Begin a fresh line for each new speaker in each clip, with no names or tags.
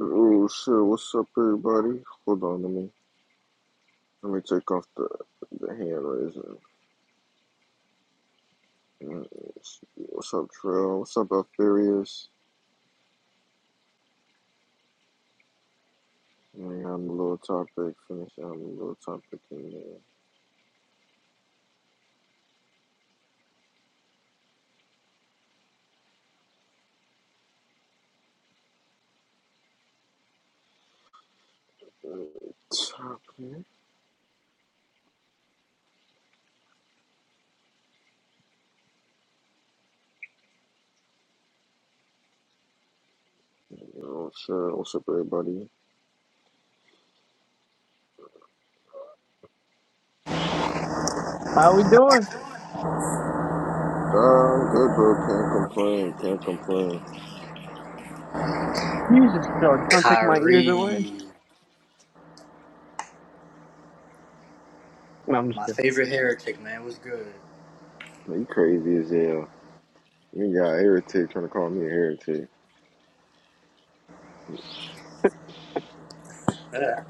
Oh shit, what's up everybody? Hold on, let me let me take off the, the hand raising. Mm, What's up, Trail? What's up, Alfarius? I'm a little topic. Finish I'm a little topic in there. Topic. Oh shit, what's up everybody?
How we doing?
Ah, I'm good bro, can't complain, can't complain.
Jesus, Phil, you trying to take my ears away?
Kyrie,
No, I'm just
my
kidding.
favorite heretic, man, was good.
Man, you crazy as hell. You got heretic trying to call me a heretic.
Yeah.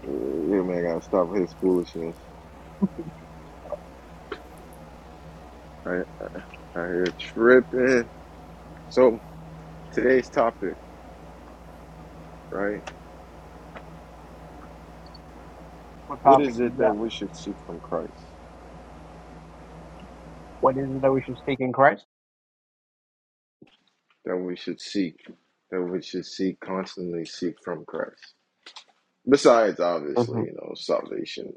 You man gotta stop his foolishness. I I hear tripping. So Today's topic, right?
What
What
topic
is it
you
that
got?
we should seek from Christ?
What is it that we should speak in Christ?
That we should seek, that we should seek, constantly seek from Christ. Besides, obviously,
hmm
you know, salvation,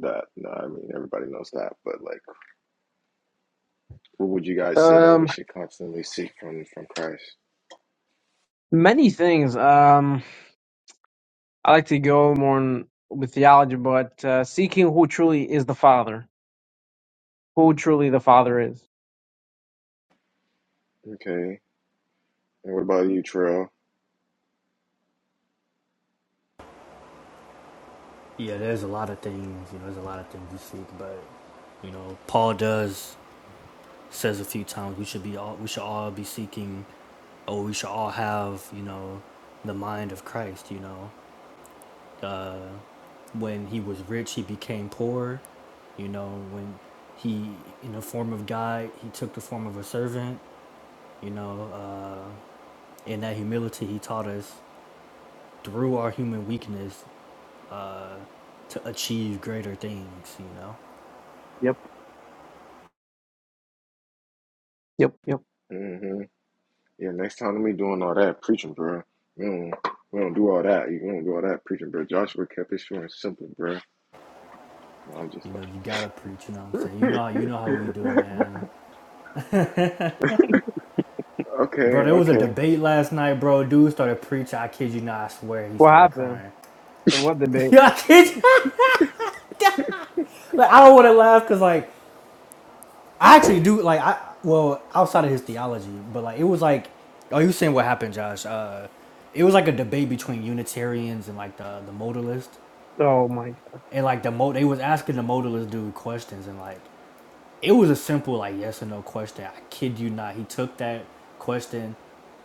that, no, I mean, everybody knows that, but like, what would you guys say that we
Um,
should constantly seek from from Christ?
many things. Um, I like to go more in, with theology, but uh, seeking who truly is the Father, who truly the Father is.
Okay. And what about you, Trail?
Yeah, there's a lot of things. You know, there's a lot of things you seek, but you know, Paul does says a few times we should be all we should all be seeking, or we should all have you know, the mind of Christ. You know, uh, when he was rich, he became poor. You know, when he in the form of God, he took the form of a servant. You know, uh, in that humility, he taught us through our human weakness. uh, to achieve greater things. You know,
Yep, yep, yep.
Mm-hmm. Yeah, next time we doing all that preaching, bro. We don't, we don't do all that. You don't do all that preaching, bro. Joshua kept it short and simple, bro. No, I'm just
you know, you gotta preach. You know what I'm saying? You know how you know how
like,
we do, man.
okay,
Bro, there was a
okay.
debate last night, bro. Dude started preaching. I kid you not. I swear he
What
started
happened?
crying.
Wait, what debate?
yeah, I kid you. Like I don't want to laugh because like I actually do. Like I well outside of his theology, but like it was like oh you saying what happened, Josh? Uh, it was like a debate between Unitarians and like the the modalist
Oh my
and like the mo they was asking the modalist dude questions and like It was a simple like yes or no question. I kid you not. He took that question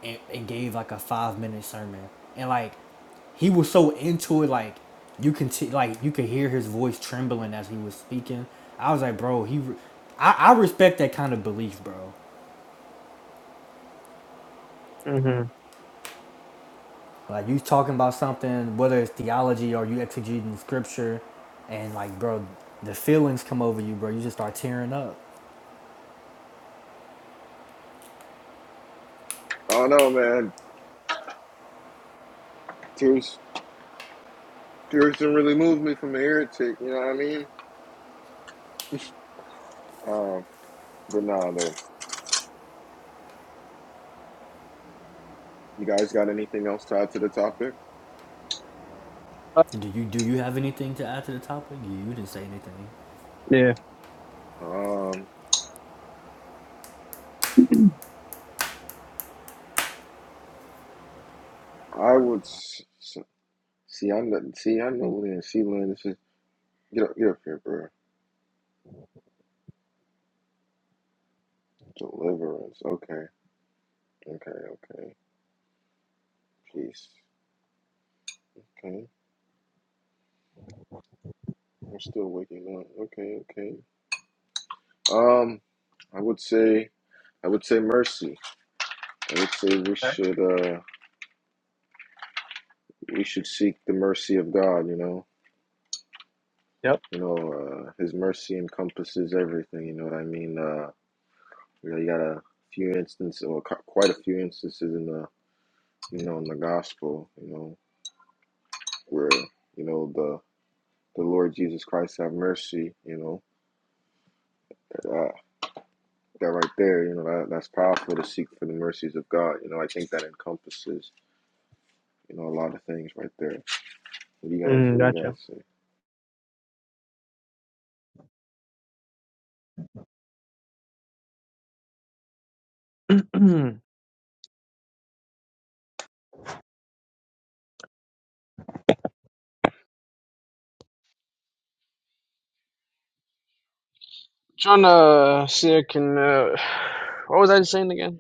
and, and gave like a five minute sermon, and like he was so into it, like you can t- like you could hear his voice trembling as he was speaking. I was like, bro, he, re- I, I respect that kind of belief, bro.
God. hmm
Like you talking about something, whether it's theology or you exegeting scripture, and like, bro, the feelings come over you, bro. You just start tearing up.
I don't know, man. Tears, tears didn't really move me from the heretic. You know what I mean? Um, but nah, though. You guys got anything else tied to the topic?
do you do you have anything to add to the topic? You, you didn't say anything.
yeah.
Um, I would s- s- see. I know. See, I know. Lynn. See, Lynn. This is get up. Get up here, bro. Deliverance. Okay. Okay. Okay. Peace. Okay. I'm still waking up. Okay. Okay. Um, I would say. I would say mercy. I would say we
Okay.
should. Uh, we should seek the mercy of God. You know.
Yep.
You know, uh, His mercy encompasses everything. You know what I mean? Uh, you know, you got a few instances, or cu- quite a few instances in the, you know, in the gospel, you know, where you know the the Lord Jesus Christ have mercy. You know, uh, that right there, you know, that, that's powerful to seek for the mercies of God. You know, I think that encompasses, you know, a lot of things right there. What do you guys?
Mm,
What do you guys
gotcha.
say?
trying to see. if I can. Uh, what was I saying again?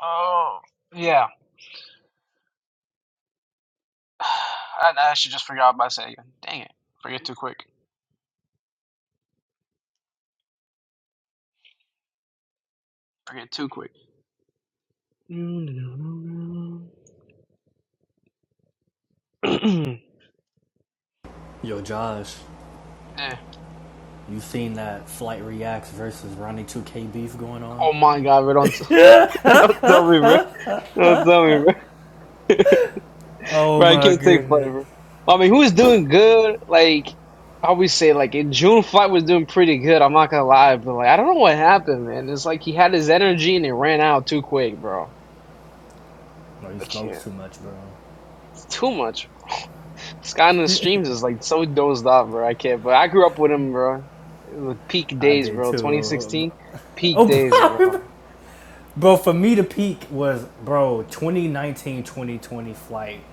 Oh, yeah. I I actually just forgot about saying. Dang it. Forget too quick. Forget too quick. yeah.
Yo, Josh, you seen that Flight Reacts versus Ronnie 2K beef going on?
Oh my god, bro. Don't, don't tell me, bro. Don't tell me, bro.
Oh
bro, I
my
can't take flavor.
goodness.
I mean, who is doing good? Like, I always say, like, in June, flight was doing pretty good. I'm not gonna lie, but like, I don't know what happened, man. It's like he had his energy and it ran out too quick, bro.
Bro, you
I
smokes
can't.
too much, bro.
It's too much. Sky on the Streams is like so dozed off, bro. I can't. But I grew up with him, bro. It was like peak
I
days,
did
bro.
too.
2016, peak days,
Oh,
bro.
bro, for me to peak was, bro, 2019 2020 flight.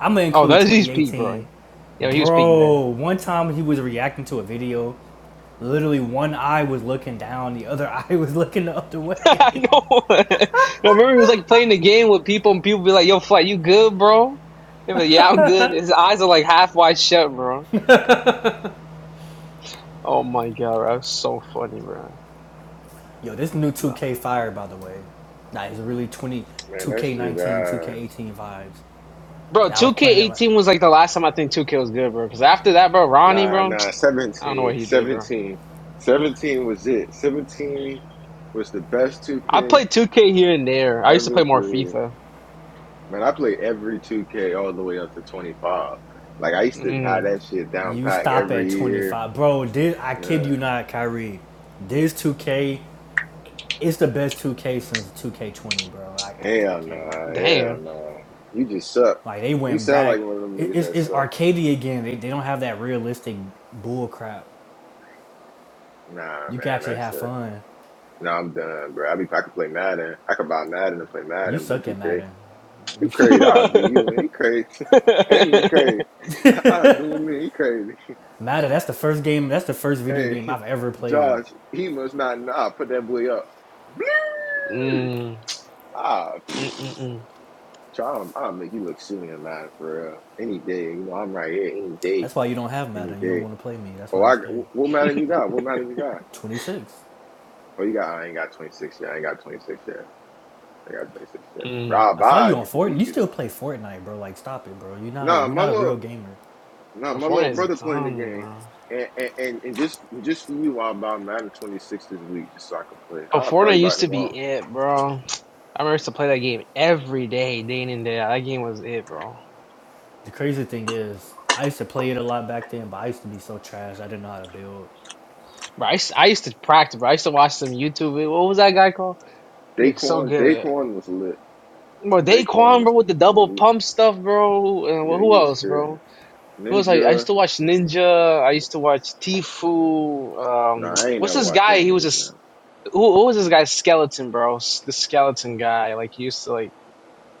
I'm going to
Oh,
include
that's his peak, bro.
2018.
Yo, he was peak there.
Bro, one time he was reacting to a video. Literally, one eye was looking down, the other eye was looking the other way.
I know. I remember he was like playing the game with people, and people be like, "Yo, Fly, you good, bro?" He be like, "Yeah, I'm good." His eyes are like half wide shut, bro. Oh my god, bro. that was so funny, bro.
Yo, this new
Nah.
2K fire, by the way. Nah, it's really 20,
Man, that shit
2K19,
ass.
2K18 vibes.
Bro,
I was playing it like,
2K18 was like the last time I think 2K was good, bro. Because after that, bro, Ronnie,
Nah,
bro,
nah,
I don't know what
17,
he did, bro.
17. 17 was it. 17 was the best
I
2K
play 2K here and there. I used to
ever
play more
created.
FIFA.
Man, I played every 2K all the way up to 25. Like, I used to have
Mm,
that shit down
you
pack
stop at
every year.
25. Bro, this, I kid you
Yeah.
not, Kyrie. This 2K, it's the best 2K since 2K20, bro. I, I, I
Hell
can't
nah,
lie.
hell
damn.
nah. You just suck.
Like, they
You
went
sound like
back.
one of them
It,
niggas
it's,
that
it's
suck.
arcadey again. They, they don't have that realistic bull crap.
Nah,
You can
man,
actually
that
have
shit.
fun.
Nah, I'm done, bro. I, be, I could play Madden. I could buy Madden and play
You
Madden, but
suck at
2K.
Madden.
You
You suck
crazy.
at
I'll
Madden.
do
mm,
you and he crazy. Ain't he crazy? I'll do me. and He crazy.
Madden, that's the first game, that's the first video
Hey,
game I've ever played.
Josh, he must not know. I'll put that boy up. Blue!
mm, mm,
Ah,
mm,
I'll, I'll make you look silly and mad for real. Any day. You know, I'm right here. Any day.
That's why you don't have
Any
Madden. and You don't
day.
want to play me. That's
Oh,
why you
I,
scared.
what matter you got? What matter you got?
26.
Oh, you got, I ain't got 26 yet. I ain't got 26 yet. I got 26 yet. But
mm.
I'll
I saw
buy
you
it
on
just to
Fortnite. You
beat you,
still
though.
play Fortnite, bro. Like, stop it, bro. You're not a,
Nah,
you're
my
not a
little
real gamer.
No,
Oh,
my little
Fortnite is
brother playing the
dumb,
game,
bro.
and and and, and just just for you, I'll buy Madden 26 this week just so I can play.
Oh,
I'll
Fortnite
probably buy it
used to be
tomorrow.
it, bro. I remember I used to play that game every day, day in and day out. That game was it, bro.
The crazy thing is, I used to play it a lot back then, but I used to be so trash. I didn't know how to
Bro, I used, I used to practice, bro. I used to watch some YouTube. vid- What was that guy called? He looked so
Daquan,
good.
Daquan was lit.
Bro,
Daquan
Daquan, bro,
was,
with the
yeah,
double
he,
pump stuff, bro. And
yeah,
who
he was
else, bro?
carrying
Because I, I used
Ninja.
to watch Ninja, I used to watch Tifu.
No,
Um,
I ain't
what's
never
this
watched
guy?
them
He was a
niggas
s-
now.
who, who was this guy? Skeleton, bro. S- The skeleton guy. Like he used to like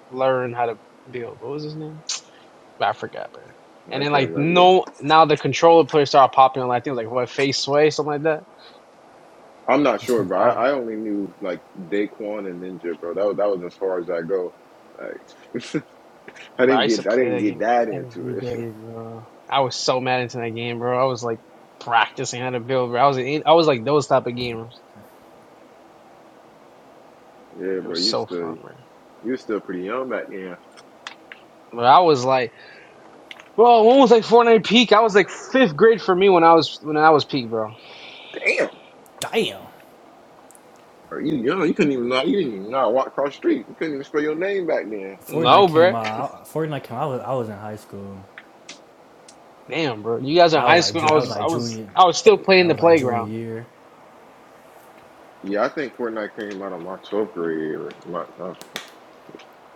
learn how to build. What was his name? I forgot, bro.
No,
And
I
then
can't
like
remember.
no, now the controller players started popping on. I think it was, like what Face Sway, something like that.
I'm not sure,
build.
bro.
Um,
I, I only knew like Daquan and Ninja, bro. That was that was as far as I go. Like, I
bro, I
didn't
used to
get I
play
didn't
that
get
game
that into
every
it.
day, bro. I was so mad into that game, bro. I was like practicing how to build, bro. I was in, I was like those type of gamers.
yeah,
It
bro.
was
You
so fun,
still
bro.
you were still pretty young back then.
But I was like. Bro, when was like Fortnite peak? I was like fifth grade for me when I was when I was peak, bro.
Damn.
Damn.
Or You young, you couldn't even know. You didn't even know how to walk across the street. You couldn't even spell your name back then.
No,
Fortnite
bro.
came out. Fortnite came. out, I was I was in high school.
Damn, bro. You guys are in
I was
high
like
school. I
I was
was I
like
was
junior.
I was still playing
I
the
was like junior
playground.
year.
Yeah, I think Fortnite came out of my twelfth grade. Or my, no,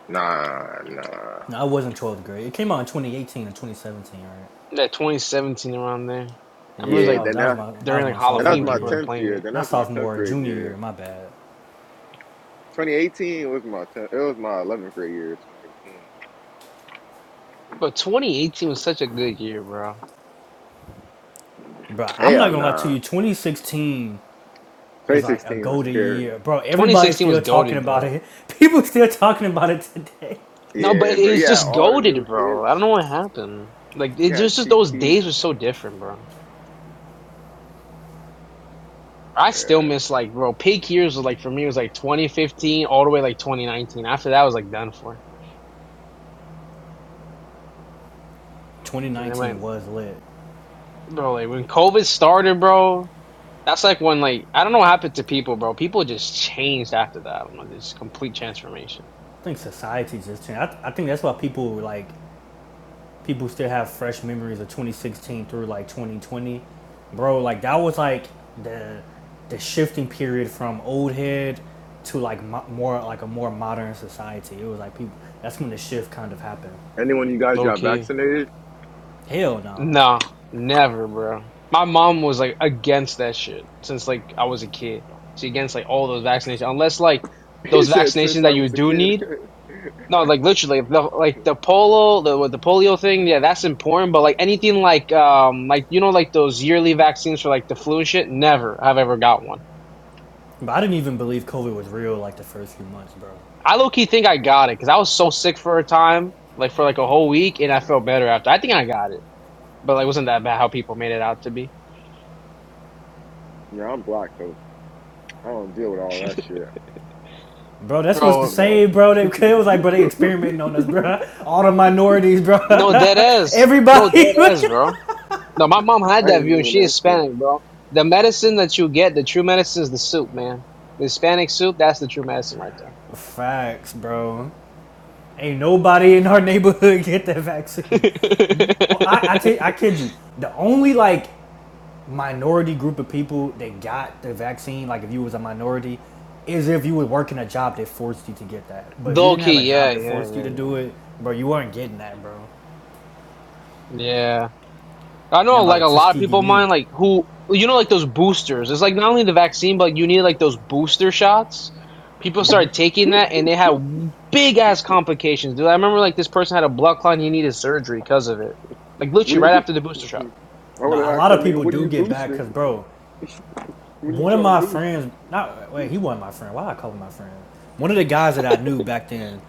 nah, nah.
No, I wasn't 12th grade. It came out in 2018 and 2017, right?
That 2017 around there. I
Yes, yeah,
remember it was
so that
Yeah,
like
was
then
that was
that
my that
during
was
like
my
then that was
Halloween,
sophomore
my
people are
year,
tenth
playing
year.
it.
Then that
not
was my tenth
sophomore,
grade
junior year.
year.
My bad.
Twenty eighteen was my 10th, it was my eleventh grade year. Twenty eighteen.
But 2018 was such a good year, bro.
Bro, I'm not
Hell
gonna lie to
nah.
you. 2016
Twenty
is like a
sixteen was
golden
Kerry.
year, bro. Everybody's
2016 was
still talking
goaded,
about
but
it. People still talking about it today.
no, but
Yeah, but
it, was
yeah,
just
all the new
goaded, bro. I don't
hits.
know what happened. Like
You
it
had
was just
Chief
those
Keef.
days were so different, bro. I still
Yeah.
miss like bro, peak years was like for me was like 2015 all the way like 2019. After that I was like done for. And then
2019
when
was lit.
bro, like when COVID started, bro, that's like when like I don't know what happened to people, bro. People just changed after that. I do just complete transformation.
I think society just changed. I, th I think that's why people like people still have fresh memories of 2016 through like 2020, bro. Like that was like the the shifting period from old head to like mo- more like a more modern society. It was like people. That's when the shift kind of happened.
Anyone you guys
Low
got
key.
vaccinated?
Hell no.
No, never, bro. My mom was like against that shit since like I was a kid. She against like all those vaccinations, unless like
He
those
said
vaccinations
since
that
I
you
was a
do
kid.
need. No, like literally, the, like the polo, the with the polio thing. Yeah, that's important. But like anything like um like you know like those yearly vaccines for like the flu and shit. Never have ever got one.
But I didn't even believe COVID was real like the first few months, bro.
I low key think I got it because I was so sick for a time, like for like a whole week, and I felt better after. I think I got it, but like wasn't that bad how people made it out to be.
yeah, I'm black, so I don't deal with all that shit.
Bro, that's
Hey,
what's the
Bro,
you know,
same, bro. They, it was like, bro, they experimenting on us, bro. All the minorities, bro.
No, that is. No,
Everybody.
that is, bro. No, my mom had
I
that
ain't
view and
doing
she is
that shit.
Hispanic, bro. The medicine that you get, the true medicine is the soup, man. The Hispanic soup, that's the true medicine right
Facts, bro. Ain't nobody in our neighborhood get that vaccine. Oh, I I,
there.
tell, you, I kid you. The only like minority group of people that got the vaccine, like if you was a minority, is if you were working a job that forced you to get that. But if you
Low
didn't have a
key,
job
yeah,
that
yeah,
forced you
yeah,
to
yeah.
do it, bro, you weren't getting that, bro.
Yeah. I
Now
know,
by
like a
the
lot of
Tuskegee
people
me,
mine, like who you know, like those boosters. It's like not only the vaccine, but like, you need like those booster shots. People started taking that, and they had big ass complications. Dude, I remember like this person had a blood clot, and he needed surgery because of it. Like
What do
literally right
you?
after the booster shot.
I
No,
would have
a
asked
lot
that
of
nigga,
people
what are
do
you
get back
boosting?
because, bro,
What are you
one of
trying to
my
boost?
friends, not wait, he wasn't my friend. Why I call him my friend? One of the guys that I knew back then,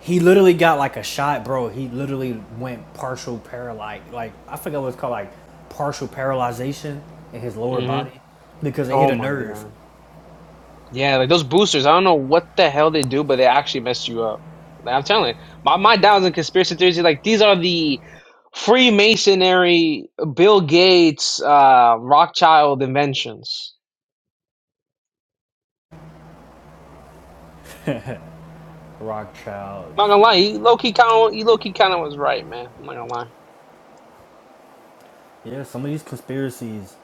he literally got like a shot, bro. He literally went partial paralyzed. Like, I forgot what it's called, like partial paralyzation in his lower
hmm
body because they hit
Oh
a
my
nerve.
god. Yeah, like those boosters. I don't know what the hell they do, but they actually mess you up. Like, I'm telling you, my my downs in conspiracy theories. Like these are the Freemasonry, Bill Gates, uh, Rothschild inventions.
Rothschild.
I'm not gonna lie, he low key kind of he low key kind of was right, man. I'm not gonna lie,
Yeah, some of these conspiracies,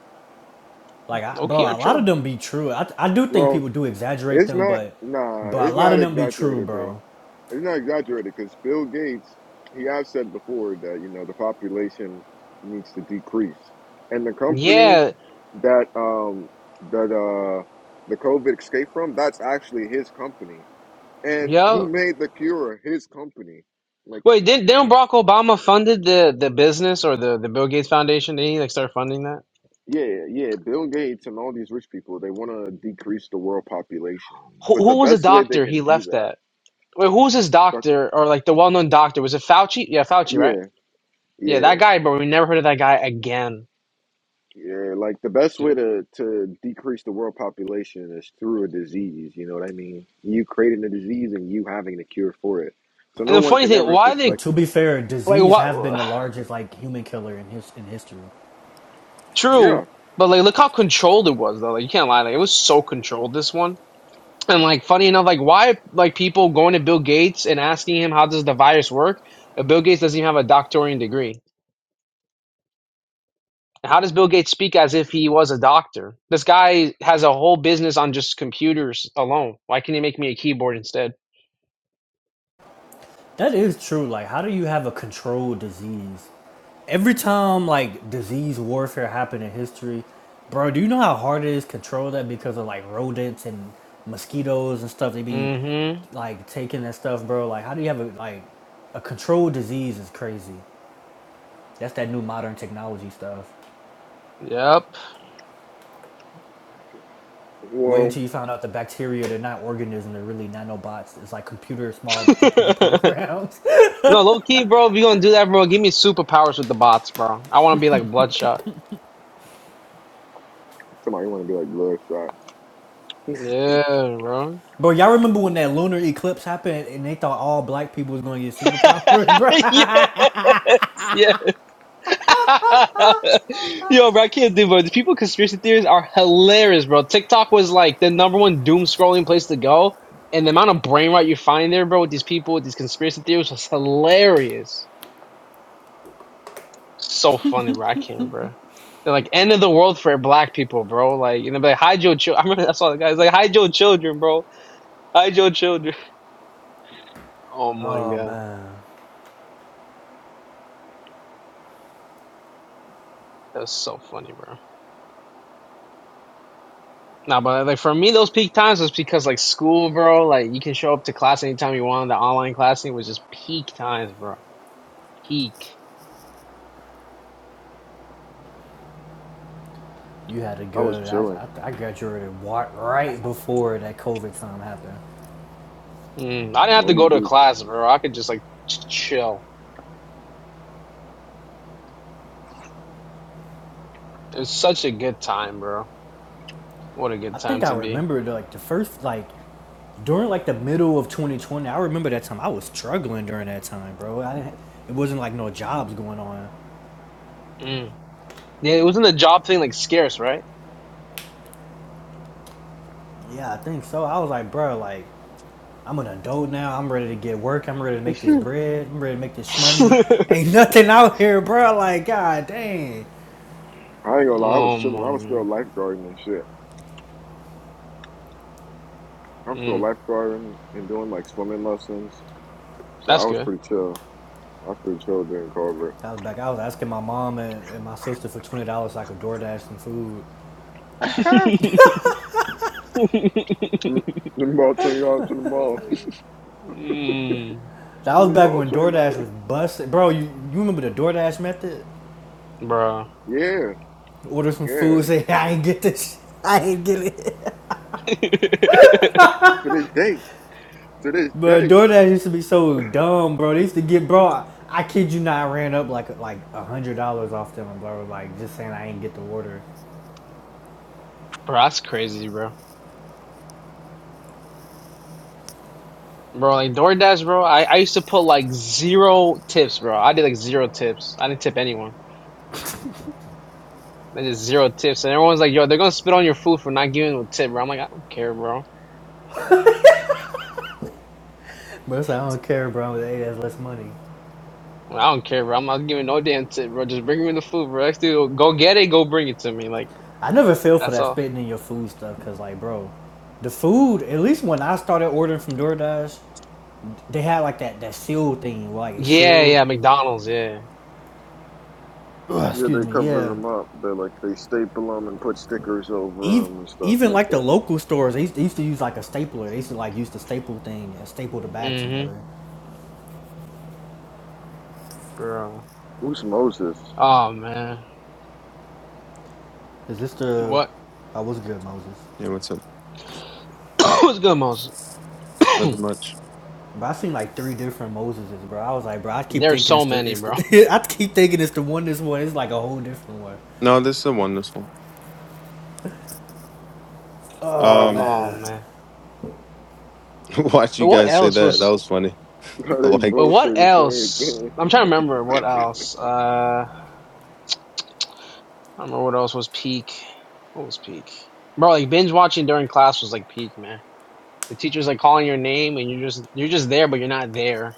like, I,
low
bro,
key are
a lot of
true.
them be true. I, I do think
Well,
people do exaggerate
it's
them,
not.
but,
Nah,
but a
it's
lot
not
of them be true,
exaggerated, bro.
bro.
It's not exaggerated because Bill Gates, he have said before that you know the population needs to decrease, and the company
Yeah,
that um that uh the COVID escaped from, that's actually his company, and who
yo.
made the cure? His company. Like
Wait, didn't, didn't Barack Obama funded the the business or the the Bill Gates Foundation? Did he like start funding that?
Yeah, yeah. Bill Gates and all these rich people, they want to decrease the world population.
Who,
But the
who was a
best way they
doctor he
can do
left
that,
at? Wait, who was his
the-
doctor or like the well known doctor? Was it Fauci? Yeah, Fauci, right?
yeah,
Yeah, that
yeah,
guy, bro. We never heard of that guy again,
yeah. Like the best way
dude.
to to decrease the world population is through a disease. You know what I mean? You creating a disease and you having a cure for it. So
And
no
the
one
funny
can
thing,
ever
why they
Well,
suspect
to
you.
be fair,
like
disease have been
what?
the largest like human killer in his in history.
True,
Yeah.
but like look how controlled it was though. Like you can't lie, like it was so controlled. This one. And like funny enough, like why like people going to Bill Gates and asking him how does the virus work? Uh, Bill Gates doesn't even have a doctoring degree. How does Bill Gates speak as if he was a doctor? This guy has a whole business on just computers alone. Why can't he make me a keyboard instead?
That is true. Like, how do you have a controlled disease? Every time like disease warfare happened in history, bro, do you know how hard it is to control that because of like rodents and mosquitoes and stuff? They be
Mm-hmm.
like taking that stuff, bro. Like, how do you have a like a controlled disease is crazy. That's that new modern technology stuff.
Yep.
Wait
Well,
until you found out the bacteria, they're not organisms, they're really nanobots. It's like computer, small computer programs.
no, low key, bro. If you gonna do that, bro, give me superpowers with the bots, bro. I want to be like Bloodshot.
somebody want to be like bloodshot.
Yeah, bro.
Bro, y'all remember when that lunar eclipse happened and they thought all black people was gonna get superpowers, bro?
yes, yes. Yo, bro, I can't do, bro. The people conspiracy theories are hilarious, bro. TikTok was like the number one doom scrolling place to go, and the amount of brain rot you find there, bro, with these people with these conspiracy theories was hilarious. So funny, bro. I can't, bro. They're like end of the world for black people, bro. Like, you know, like hide your children. I remember that's all the guys like hide your children, bro. Hide your children. Oh my
Oh
god,
man,
that's so funny, bro. Nah, but like for me, those peak times was because like school, bro. Like you can show up to class anytime you want. The online classing was just peak times, bro. Peak.
you had a
I was
good. I,
chilling,
I, I graduated right before that COVID time happened.
Mm, I didn't have to go to a
Moses.
class, bro. I could just like ch- chill. It was such a good time, bro. What a good
I
time
think I
to be.
remember like the first like during like the middle of 2020. I remember that time I was struggling during that time, bro. I didn't. It wasn't like no jobs going on.
Mm. Yeah, it wasn't the job thing like scarce, right?
Yeah, I think so. I was like, bro, like I'm an adult now. I'm ready to get work. I'm ready to make
I
this
ain't
bread. I'm ready to make this money. Ain't nothing out here, bro. Like, god dang.
gonna lie, I
oh
was chilling. I
my
was still
god.
lifeguarding and shit. I'm still
Mm,
lifeguarding and doing like swimming lessons. So I
that's
was
good.
pretty chill. I was pretty chill during COVID.
I was back. I was asking my mom and, and my sister for twenty dollars so I could DoorDash some food.
Let me borrow twenty dollars to the mall.
mm,
That
Let
was
me
back
borrow
when
twenty
DoorDash
dollars.
was busted, bro. You you remember the DoorDash method?
bro.
Yeah,
Order some
yeah.
food, say I ain't get this. I ain't get it.
To this day, to this
But
day.
DoorDash used to be so dumb, bro. They used to get, bro. I, I kid you not, I ran up like like a hundred dollars off them, bro. Like just saying I ain't get the order.
bro, that's crazy, bro. Bro, like DoorDash, bro. I, I used to put like zero tips, bro. I did like zero tips. I didn't tip anyone. I did zero tips, and everyone's like, "Yo, they're gonna spit on your food for not giving a tip, bro." I'm like, I don't care, bro.
But it's like, I don't care, bro. Hey, that's less money.
i like, I don't care, bro. I'm not giving no damn tip, bro. Just bring me the food, bro. Next dude, go get it, go bring it to me. Like
I never feel for
that's
that
all.
spitting in your food stuff because, like, bro, the food, at least when I started ordering from DoorDash, they had like that, that sealed thing, where, like it's
Yeah,
sealed.
yeah, McDonald's, yeah.
Ugh,
Yeah,
excuse
they
me,
cover
yeah.
them up. They like they staple them and put stickers over
Even,
them and stuff
even
like
like the
that.
local stores, they used, they used to use like a stapler. They used to like use the staple thing and staple the bag
Mm-hmm,
together.
bro.
Who's Moses?
Oh man,
Is this the.
what?
I was good, Moses.
Yeah, what's up?
What's good, most?
Nothing much.
But I seen like three different Moseses, bro. I was like, bro, I keep
There's
thinking
so
it's the,
many,
it's
bro.
the, I keep thinking it's the one. This one, it's like a whole different one.
No, this is a one. This one.
Oh
Um,
Oh
man.
man.
watch
But
you
what
guys say
else
that.
was?
That was funny.
they
Like,
But
both say
what
the same
else?
thing.
I'm trying to remember what else. Uh, I don't remember what else was peak. What was peak? Bro, like binge watching during class was like peak, man. The teacher's like calling your name and you're just you're just there, but you're not there.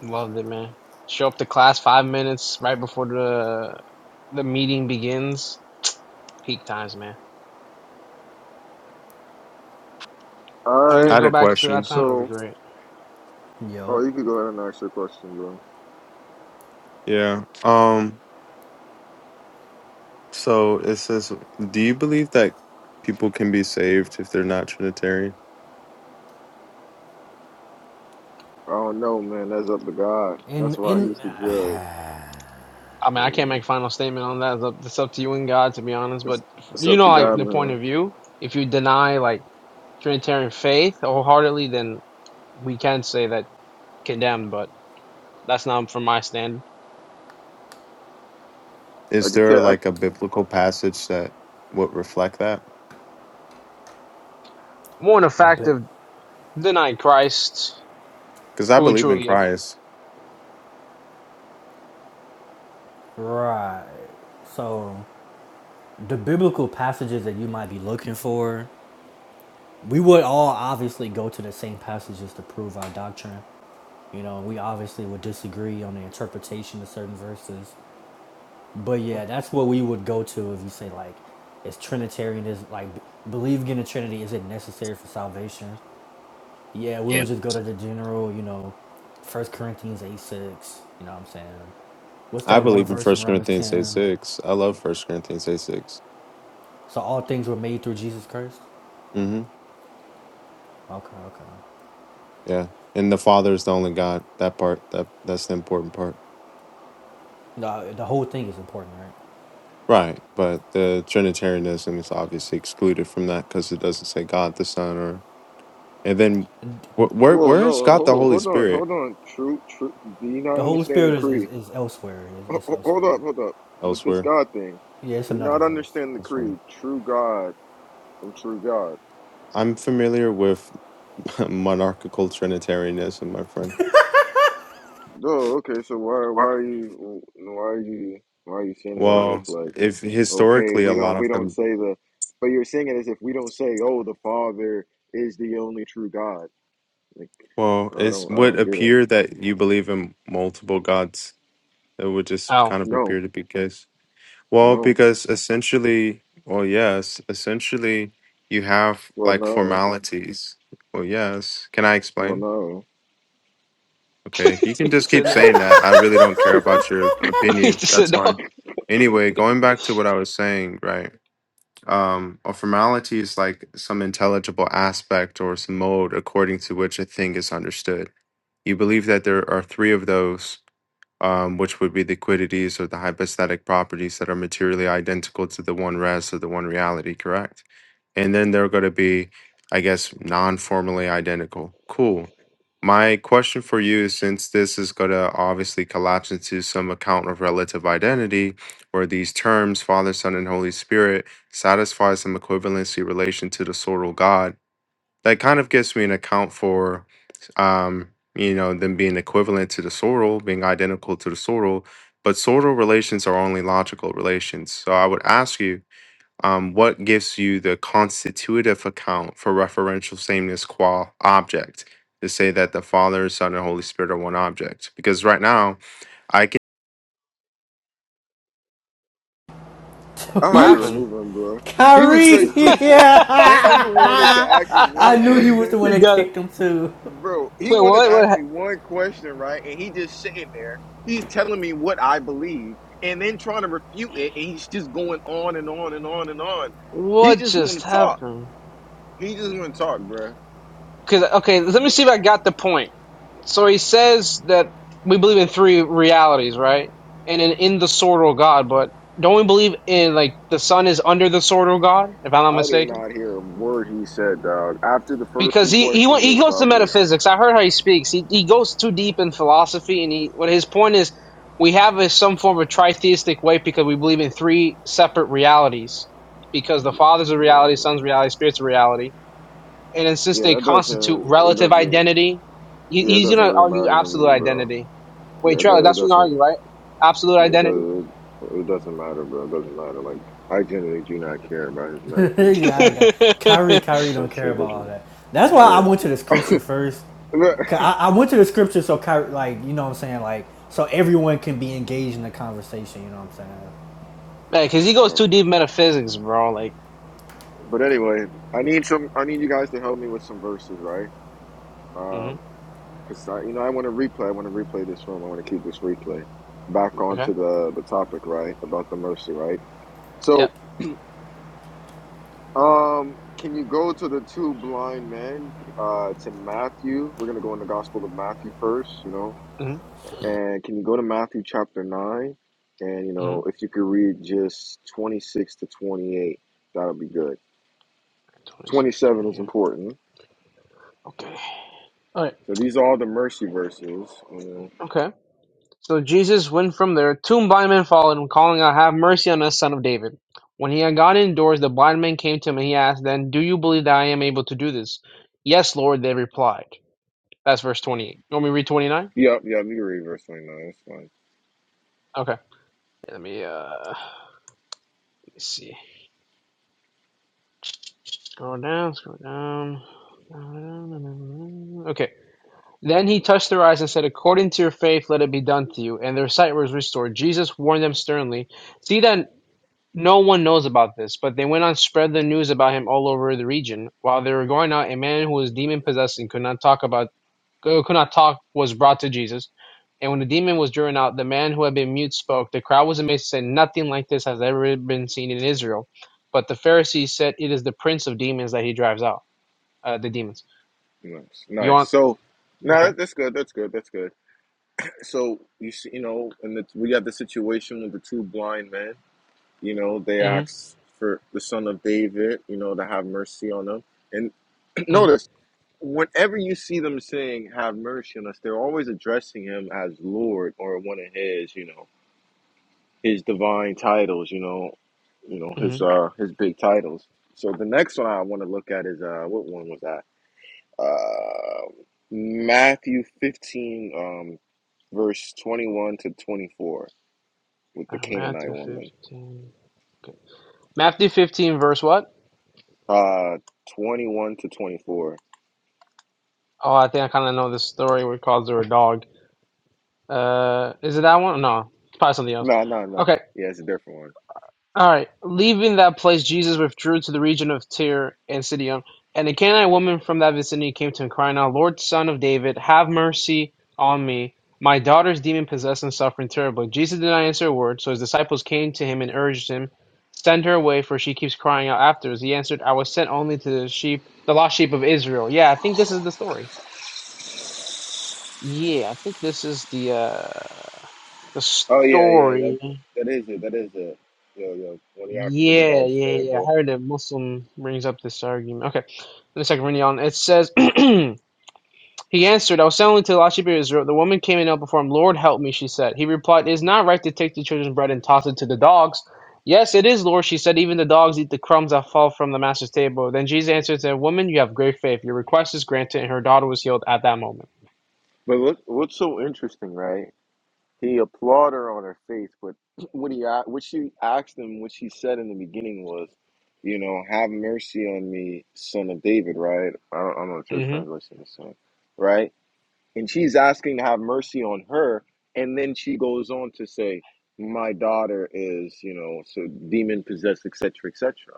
Loved it, man. Show up to class five minutes right before the the meeting begins. Peak times, man.
All
If I can
I
right,
just
had
go
a
back to that
question.
time. It'd be
so
great.
yo,
oh, you could go ahead and ask your question, bro.
Yeah. Um. So it says, do you believe that people can be saved if they're not Trinitarian?
I don't know, man. That's up to God.
In
That's why
in
He's the judge.
I mean, I
You
can't
know.
make final statement on that. It's up it's up to you and God, to be honest. But
What's, what's
you
up,
know,
the
like
God
the point
man?
of view. If you deny, like Trinitarian faith wholeheartedly, then we can say that condemned, but that's not from my stand.
I
Is
could
there
tell. I,
like a biblical passage that would reflect that?
More in the
a
fact
bit
of denying Christ,
Because I
who he
believe in
truly is.
Christ.
right. So the biblical passages that you might be looking for, we would all obviously go to the same passages to prove our doctrine. You know, we obviously would disagree on the interpretation of certain verses. But yeah, that's what we would go to if you say like is Trinitarian is like believing in the Trinity is it necessary for salvation? Yeah, we would just go to the general, you know, First Corinthians eight six. You know what I'm saying? What's
I
that one
believe in
verse in
First
Romans
Corinthians eight
10?
six. I love First Corinthians eight six.
So all things were made through Jesus Christ?
Mm-hmm.
Okay, okay.
Yeah, and the Father is the only God. That part that that's the important part,
No, the whole thing is important, right?
right? But the Trinitarianism is obviously excluded from that because it doesn't say God the Son or. And then, wh- where
whoa,
where
no,
is God the
whoa,
Holy
hold on,
Spirit
hold on. True, true. Do you not
The Holy
understand the
Spirit is, is,
creed?
is elsewhere. It's,
Ho-
it's
ho- Hold
elsewhere.
up, hold up. With this
elsewhere?
God thing,
Yeah, it's
do you
another
not understand
verse.
the
That's funny.
creed? True God from true God.
I'm familiar with monarchical Trinitarianism, my friend.
No, okay. So why, why are you, why are you, why are you saying it as if
Well,
like,
if
okay,
historically
we
a
don't,
lot
we
of
don't
them,
say the, but you're saying it as if we don't say, oh, the Father is the only true God. Like,
well,
I
it
don't, I
would
don't get it.
appear that you believe in multiple gods. It would just
Oh.
kind of
No,
appear to be the case. Well,
no.
because essentially, well, yes, essentially you have
Well,
like
no.
formalities. Well, yes. Can I
Well,
explain?
no.
he
Okay, you can just
said
keep
no.
saying that. I really don't care about your
he
opinion.
just
That's
said no.
fine. Anyway, going back to what I was saying, right? Um, a formality is like some intelligible aspect or some mode according to which a thing is understood. You believe that there are three of those um, which would be the quiddities or the hypostatic properties that are materially identical to the one res or the one reality, correct? And then they're going to be, I guess, non formally identical. Cool. My question for you, since this is going to obviously collapse into some account of relative identity, where these terms, Father, Son, and Holy Spirit, satisfy some equivalency relation to the sorrel God that kind of gives me an account for um you know them being equivalent to the sorrel being identical to the sorrel but sorrel relations are only logical relations so i would ask you um, what gives you the constitutive account for referential sameness qua object to say that the father son and holy spirit are one object because right now I can.
I
What
had to
you,
happened?
remove him, bro. He was
Kyrie!
straight preaching.
Yeah!
That nigga wanted to ask me
I
one
knew he was
question.
the one
you
that
got it.
kicked him too.
Bro, he
Wait,
wanted
what?
to
What?
ask
ha-
me one question, right? And he just sitting there. He's telling me what I believe and then trying to refute it. And he's just going on and on and on and on. He
What
just want to
just
talk.
happened?
He just want to talk, bro.
Because okay, let me see if I got the point. So he says that we believe in three realities, right? And in, in the sword of God, but don't we believe in like the sun is under the sword of God, if I'm not
I did
mistaken?
not hear a word he said, dog. After the first
Because
two
he he went-
questions, I
he goes to
stopped listening.
metaphysics. I heard how he speaks. He he goes too deep in philosophy, and he what his point is, we have a, some form of tritheistic way because we believe in three separate realities. Because the
Like,
Father's a
yeah,
reality, Son's a
bro.
reality, Spirit's a reality and then since
Yeah,
they
that
constitute
doesn't. It
relative
doesn't.
identity. He,
Yeah, it
he's
doesn't
gonna
really
argue
matter to
absolute
me, bro.
identity. Wait,
Yeah, it,
Trailer,
do- it
that's what you
doesn't.
argue, right? Absolute
Yeah, it,
identity.
does, it, it doesn't matter, bro. It doesn't matter. Like, I generally do not care about his metaphysics.
yeah, I
Like,
got Kyrie. Kyrie don't
that
care
shit
about all
doesn't.
that. That's why I
Yeah.
went to the scripture first.
But,
I, I went to the scripture so Kyrie, like you know what I'm saying, like so everyone can be engaged in the conversation. You know what I'm saying?
Man, cause he goes
uh,
too deep metaphysics, bro. Like,
but anyway, I need some. I need you guys to help me with some verses, right?
hmm
Um, because I, you know, I want to replay. I want to replay this room. I want to keep this replay back
okay,
onto the the topic, right? About the mercy, right? So
yep,
Um, can you go to the two blind men? Uh, it's in Matthew. We're gonna go in the Gospel of Matthew first, you know.
hmm
And can you go to Matthew chapter nine? And you
hmm
know, if you could read just twenty six to twenty eight, that'll be good. Twenty
26,
seven is
twenty-eight.
important.
Okay, all right,
So these are all the mercy verses. You know.
okay. So Jesus went from there, two blind men followed him, calling out, "Have mercy on us, son of David." When he had gone indoors, the blind men came to him, and he asked, them, do you believe that I am able to do this?" Yes, Lord, they replied. That's verse 28. You want me to read 29?
Yep, yep. You can read verse twenty nine. That's fine.
Okay. Yeah, Let me uh let me see. Scroll down, scroll down. Okay. Then he touched their eyes and said, According to your faith, let it be done to you. And their sight was restored. Jesus warned them sternly, See that no one knows about this. But they went on, spread the news about him all over the region. While they were going out, a man who was demon possessed and could not talk about could not talk was brought to Jesus. And when the demon was driven out, the man who had been mute spoke. The crowd was amazed and said, Nothing like this has ever been seen in Israel. But the Pharisees said, It is the prince of demons that he drives out. Uh, the demons.
Nice,
You
nice.
want.
So, no,
Okay.
that that's good. That's good. That's good. So you see, you know, and the, we got the situation with the two blind men You know, they
Mm-hmm.
asked for the son of David, you know, to have mercy on them. And
Mm-hmm.
notice, whenever you see them saying, have mercy on us, they're always addressing him as Lord or one of his, you know, his divine titles, you know, you know, his
mm-hmm.
uh his big titles. So the next one I want to look at is uh what one was that? Uh Matthew 15 um verse 21 to 24 with the
Uh,
Canaanite
Matthew
woman.
15. Okay. Matthew 15, verse what?
Uh 21 to 24.
Oh, I think I kind of know this story where it calls her a dog. Uh, is it that one? No, it's probably something else.
No, no, no.
Okay,
Yeah, it's a different one.
All right. Leaving that place, Jesus withdrew to the region of Tyre and Sidon. And a Canaanite woman from that vicinity came to him, crying out, Lord, son of David, have mercy on me. My daughter is demon possessed and suffering terribly. Jesus did not answer a word, so his disciples came to him and urged him, Send her away, for she keeps crying out after us. He answered, I was sent only to the sheep, the lost sheep of Israel. Yeah, I think this is the story. Yeah, I think this is the uh the
Oh yeah, yeah. That
story.
that is it. That is it. Yo, yo. Twenty yards for the
Yeah, yeah,
dog's
yeah. yeah. I
table.
heard a Muslim brings up this argument. Okay, let a second, reading on. It says, He answered, I was selling to the Lashib of Israel. The woman came in and knelt before him. Lord, help me, she said. He replied, It is not right to take the children's bread and toss it to the dogs. Yes, it is, Lord, she said. Even the dogs eat the crumbs that fall from the master's table. Then Jesus answered and said, Woman, you have great faith. Your request is granted, and her daughter was healed at that moment.
But look, what's so interesting, right? He applauded her on her faith, but what he a- what she asked him, what she said in the beginning was, you know, have mercy on me, son of David, right? I don't, I don't know the church
Mm
translation is saying, right? And she's asking to have mercy on her, and then she goes on to say, my daughter is, you know, so demon possessed, et cetera, et cetera.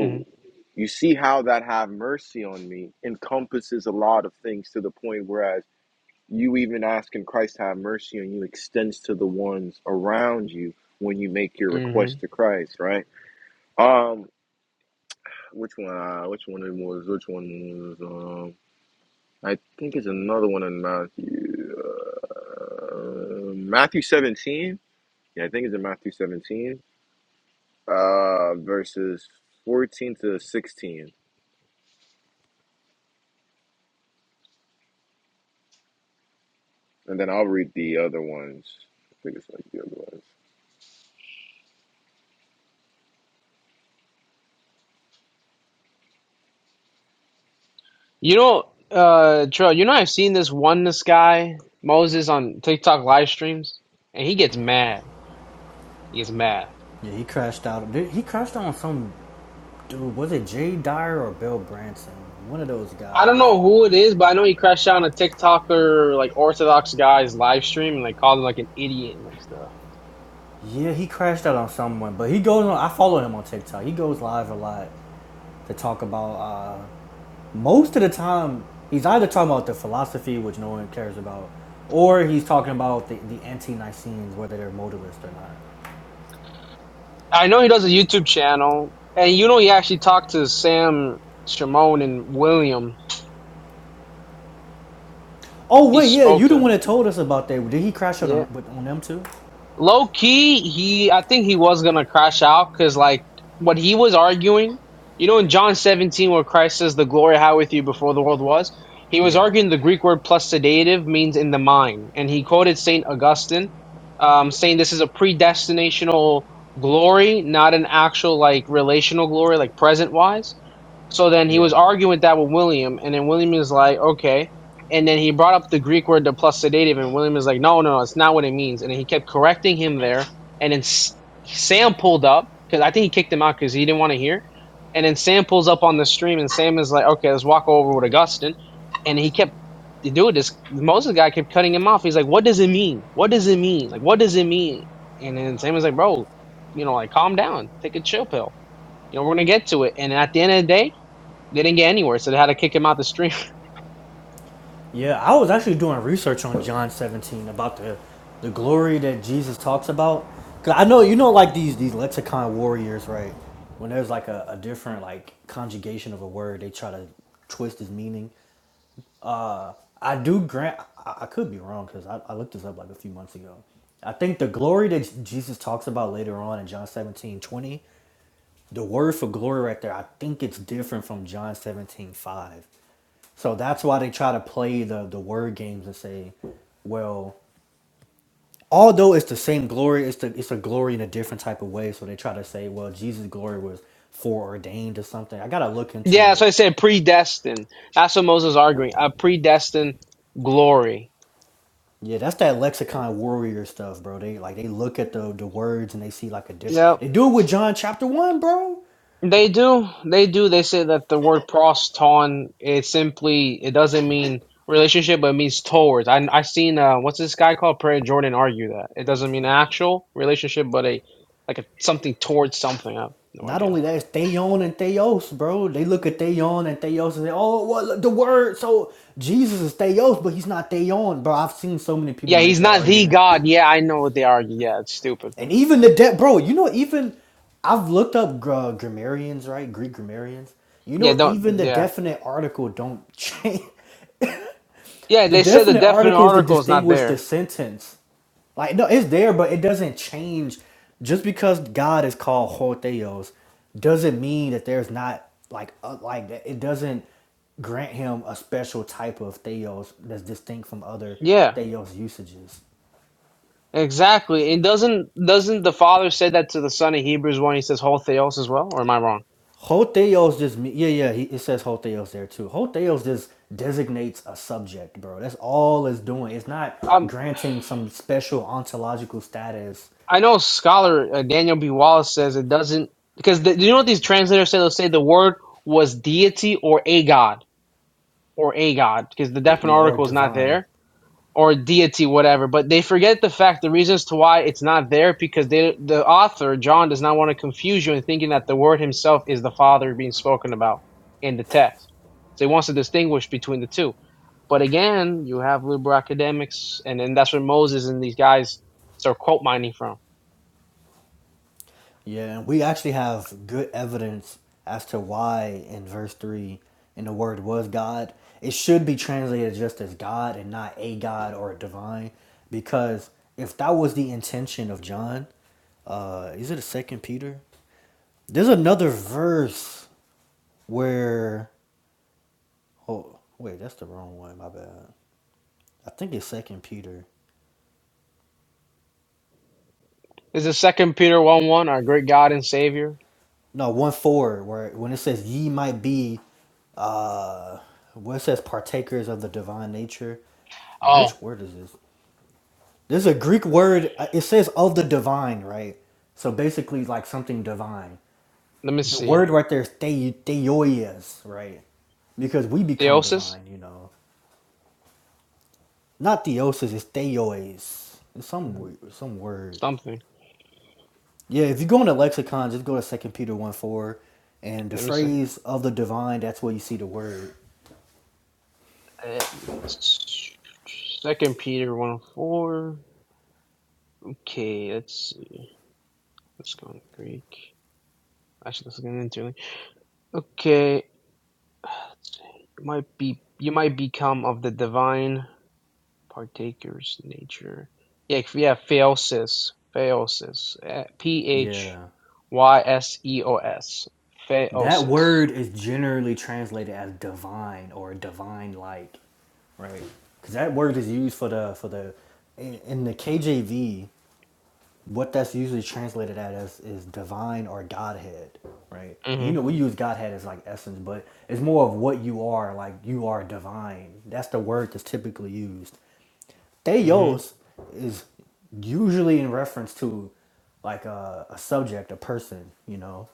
hmm. Mm
you see how that have mercy on me encompasses a lot of things to the point whereas you even asking Christ to have mercy on you extends to the ones around you when you make your
hmm.
request to Christ, right? Um, which one? Uh, which one it was? Which one was? Um, I think it's another one in Matthew. Uh, Matthew seventeen. Yeah, I think it's in Matthew seventeen, uh, verses fourteen to sixteen And then I'll read the other ones. I think it's like the other ones.
You know, uh, Trill, you know, I've seen this oneness guy, Moses, on TikTok live streams, and he gets mad. He gets mad.
Yeah, he crashed out. Dude, He crashed out on some dude. Was it Jay Dyer or Bill Branson? One of those
I
guys.
don't know who it is, but I know he crashed out on a TikToker, like Orthodox guy's live stream and like called him like an idiot and like stuff.
Yeah, he crashed out on someone. But he goes on. I follow him on TikTok. He goes live a lot to talk about. Uh, most of the time, he's either talking about the philosophy, which no one cares about, or he's talking about the, the anti-Nicenes, whether they're modalist or not.
I know he does a YouTube channel, and you know, he actually talked to Sam Shimon and William.
Oh
He
wait, yeah,
spoke
you the
to.
one that told us about that. Did he crash out
yeah.
on on them too?
Low key, he I think he was gonna crash out because like what he was arguing, you know, in John seventeen where Christ says the glory I had with you before the world was, he was
Yeah,
arguing the Greek word plus sedative means in the mind, and he quoted Saint Augustine, um, saying this is a predestinational glory, not an actual like relational glory, like present wise. So then he was
yeah.
arguing that with William, and then William is like, okay. And then he brought up the Greek word, the plus sedative, and William is like, no, no, no, it's not what it means. And then he kept correcting him there. And then S- Sam pulled up, because I think he kicked him out because he didn't want to hear. And then Sam pulls up on the stream, and Sam is like, okay, let's walk over with Augustine. And he kept doing this. Moses guy kept cutting him off. He's like, what does it mean? What does it mean? Like, what does it mean? And then Sam is like, bro, you know, like, calm down, take a chill pill. You know, we're going to get to it. And at the end of the day, they didn't get anywhere, so they had to kick him out the stream.
Yeah, I was actually doing research on John 17 about the the glory that Jesus talks about. Cause I know you know like these these lexicon warriors, right? When there's like a, a different like conjugation of a word, they try to twist its meaning. Uh, I do grant I, I could be wrong because I, I looked this up like a few months ago. I think the glory that Jesus talks about later on in John 17 20. The word for glory right there, I think it's different from John 17 5, So that's why they try to play the the word games and say, well, although it's the same glory, it's the it's a glory in a different type of way. So they try to say, well, Jesus' glory was foreordained or something. I gotta look into
yeah, so
it.
I said predestined. That's what Moses is arguing. A predestined glory.
Yeah, that's that lexicon warrior stuff, bro. They like they look at the the words and they see like a different.
Yep.
They do it with John chapter one, bro.
They do. They do. They say that the word proston it simply it doesn't mean relationship, but it means towards. I I seen uh what's this guy called Prayer Jordan argue that it doesn't mean actual relationship, but a like a something towards something. I have no
Not
idea.
only that, it's Theon and Theos, bro. They look at Theon and Theos and say, oh, what the word? So Jesus is Theos, but he's not Theon, bro. I've seen so many people
Yeah, he's
make that
not the
argument,
God. Yeah, I know what they argue. Yeah, it's stupid.
and even the debt, bro. You know, even I've looked up uh, grammarians, right? Greek grammarians. You
Yeah,
know,
don't.
even the
Yeah,
definite article don't change.
yeah.
The
They said the
definite
definite
articles that
article is not
distinguish
there.
the sentence. Like, no, it's there, but it doesn't change. Just because God is called Hortheos doesn't mean that there's not, like, uh, like that- it doesn't grant him a special type of Theos that's distinct from other
Yeah,
Theos usages.
exactly. It doesn't doesn't the father say that to the son in Hebrews one? He says whole theos as well, or am I wrong?
Hotheos just, me- yeah, yeah, he, it says Hotheos there too. Hotheos just designates a subject, bro. That's all it's doing. It's not
Um,
granting some special ontological status
I know scholar uh, Daniel B. Wallace says it doesn't because the, you know what these translators say? They'll say the word was deity or a god or a god because the definite
yeah, or
article is not
divine.
there or deity whatever. But they forget the fact the reasons to why it's not there because they the author John does not want to confuse you in thinking that the word himself is the father being spoken about in the text. So he wants to distinguish between the two But again, you have liberal academics, and then that's where Moses and these guys start quote mining from.
Yeah, and we actually have good evidence as to why in verse 3, and the word was God, it should be translated just as God and not a God or a divine. Because if that was the intention of John, uh, is it a second Peter? There's another verse where, oh, wait, that's the wrong one, my bad. I think it's second Peter.
This is Second Peter one one, our great God and Savior.
no one four where when it says ye might be uh where it says partakers of the divine nature
Oh,
which word is this there's a greek word uh, it says of the divine right so basically like something divine
let me
the word
see,
right there is the, theoias right because we become
Theosis,
divine you know not theosis it's theois it's some w- some word
something.
yeah if you go into lexicon just go to second peter 1 4 and the
Let me see.
phrase of the divine that's where you see the word
Let me s- Second Peter one four. Okay, let's see. Let's go in Greek. Actually, let's get into it. Okay, let's see. might be you might become of the divine. partakers nature. Yeah, if- yeah, phaeosis, phaeosis, P H
Yeah.
Y S E O S,
That
phaeosis.
word is generally translated as divine or divine like, right? Because that word is used for the for the in, in the KJV. What that's usually translated as is divine or Godhead, right? You
Mhm,
know, we use Godhead as like essence, but it's more of what you are. Like you are divine. That's the word that's typically used.
mhm,
Theos is usually in reference to like a, a subject, a person. You know,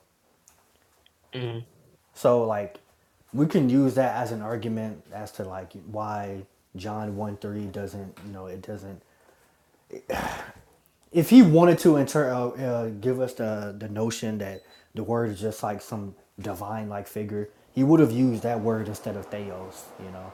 mhm.
So like we can use that as an argument as to like why John 1 3 doesn't, you know, it doesn't. If he wanted to inter- uh, uh, give us the, the notion that the word is just like some divine like figure, he would have used that word instead of theos, you know.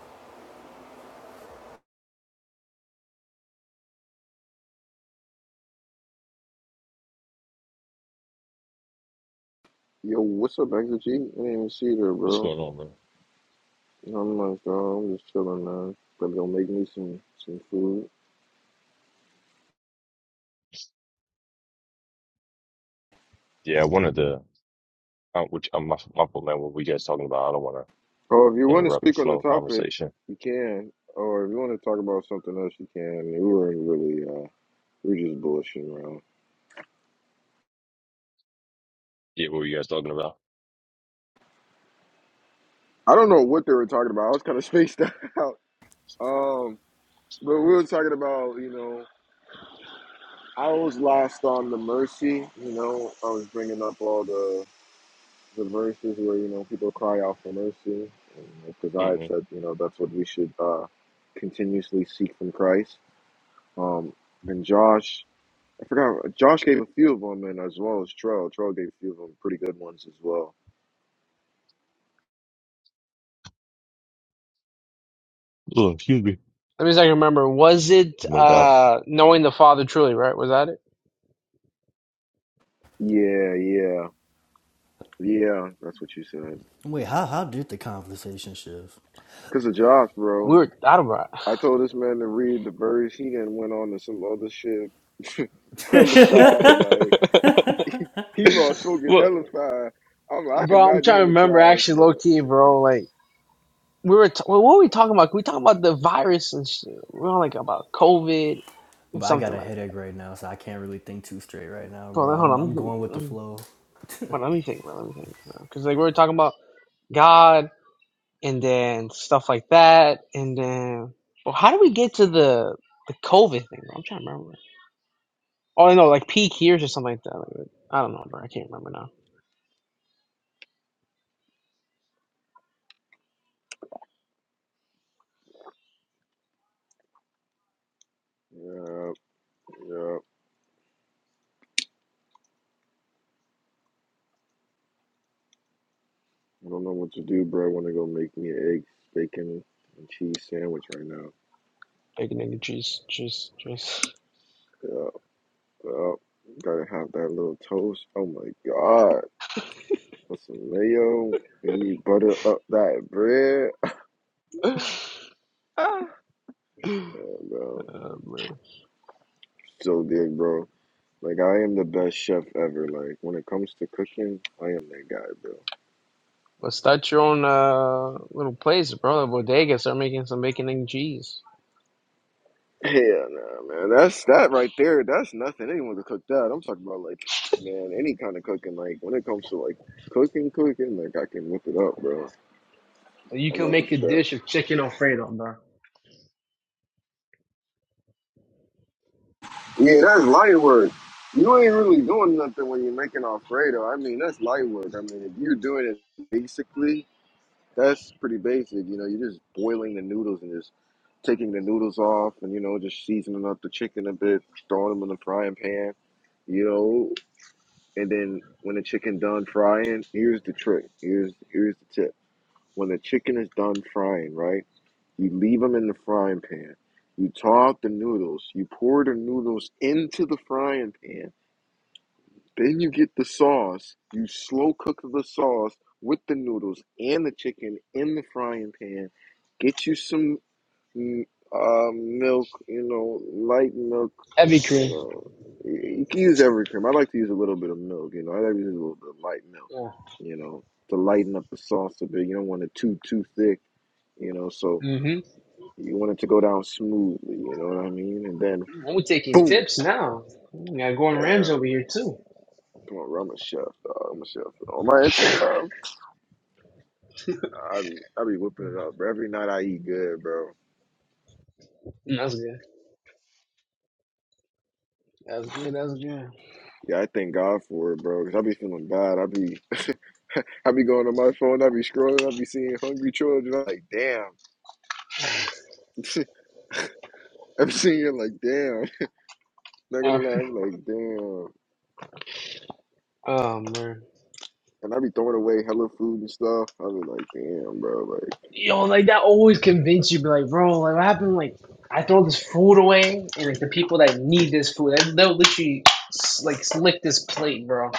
Yo, what's up, Exit G? I didn't even see you there,
What's
bro.
going on, man?
You know, I'm like, oh, I'm just chilling, man. Probably gonna make me some some food.
Yeah, one of the. uh, which I'm my, my fault, man. What were you guys talking about? I don't want
Oh, if you
to
want to
interrupt the
speak on
flow
the
of
topic,
conversation.
you can. Or if you want to talk about something else, you can. I mean, we weren't really, uh, we were just bullshitting around.
Yeah, what were you guys talking about?
I don't know what they were talking about. I was kind of spaced out. Um, but we were talking about, you know, I was last on the mercy. You know, I was bringing up all the the verses where you know people cry out for mercy, because I had
hmm
said you know that's what we should uh, continuously seek from Christ. Um, and Josh, I forgot Josh gave a few of them, and as well as Trell, Trell gave a few of them pretty good ones as well.
Oh, excuse me.
Let me see if I can remember. Was it
No doubt.
uh knowing the Father truly? Right? Was that it?
Yeah, yeah, yeah. That's what you said.
Wait, how, how did the conversation shift?
Cause of Josh,
We
bro.
were out of
I told this man to read the verse. He then went on to some other shit.
it.
hella fast, like he lost focus.
well,
Hella fast. I'm, like, I can
bro, I'm
imagine
trying to
him in
remember
class,
actually, low key, bro. Like we were, t- well, what were we talking about? We were talking about the virus and shit. We were on like about COVID and
But I
something
got a
like. that.
headache right now, so I can't really think too straight right now,
Bro,
bro.
like, hold
I'm,
on. Let
I'm
me,
going with the
let me-
flow.
Well, let me think, bro. Let me think, Because like we were talking about God and then stuff like that, and then well, how do we get to the the COVID thing? I'm trying to remember. Oh, I know, like peak years or something like that. Like, I don't know, bro. I can't remember now.
bro. Yeah, I don't know what to do, bro. I want to go make me an egg, bacon, and cheese sandwich right now.
Big nigga, juice, juice, juice.
Yeah, yeah. Gotta have that little toast. Oh my God. With some mayo. And you butter up that bread. Yeah, bro.
Uh, bro.
So big, bro. Like, I am the best chef ever. Like, when it comes to cooking, I am that guy, bro.
Well, start your own uh little place, bro. A bodega. Start making some bacon and cheese.
Hell no, man. That's that right there. That's nothing. Anyone could cook that. I'm talking about like, man, any kind of cooking. Like when it comes to like cooking, cooking, like I can whip it up, bro. I'm not a chef. Yeah, that's light work. You ain't really doing nothing when you're making Alfredo. I mean, that's light work. I mean, if you're doing it basically, that's pretty basic. You know, you're just boiling the noodles and just taking the noodles off and you know just seasoning up the chicken a bit, throwing them in the frying pan. You know, And then when the chicken done frying, here's the trick. Here's here's the tip. When the chicken is done frying, right? You leave them in the frying pan. You thaw out the noodles. You pour the noodles into the frying pan. Then you get the sauce. You slow cook the sauce with the noodles and the chicken in the frying pan. Get you some m- uh, milk, you know, light milk,
That'd be
you
cool.
know. Y- You can use every cream. I like to use a little bit of milk, you know. I like to use a little bit of light milk,
Yeah.
you know, to lighten up the sauce a bit. You don't want it too too thick, you know. So
Mm-hmm.
you want it to go down smoothly, you know what I mean? And then
I'm taking
boom.
tips now. Mm, got
Yeah,
Gordon Ramsay over here too.
come on, bro, I'm a chef. Dog. I'm a chef. On my Instagram, I be I be whipping it up. Bro. Every night I eat good, bro.
Mm, That's good. That's good. That's good.
Yeah, I thank God for it, bro. Cause I be feeling bad. I be I be going on my phone, I be scrolling, I be seeing hungry children. I'm like, damn. I'm seeing it like, damn. Not
Uh,
gonna lie, I'm like, damn.
Oh man,
And I be throwing away hella food and stuff. I be like, damn, bro. Like,
yo, like that always convince you, be like, bro, like what happened? Like I throw this food away, and like the people that need this food, they- they'll literally s- like lick this plate, bro.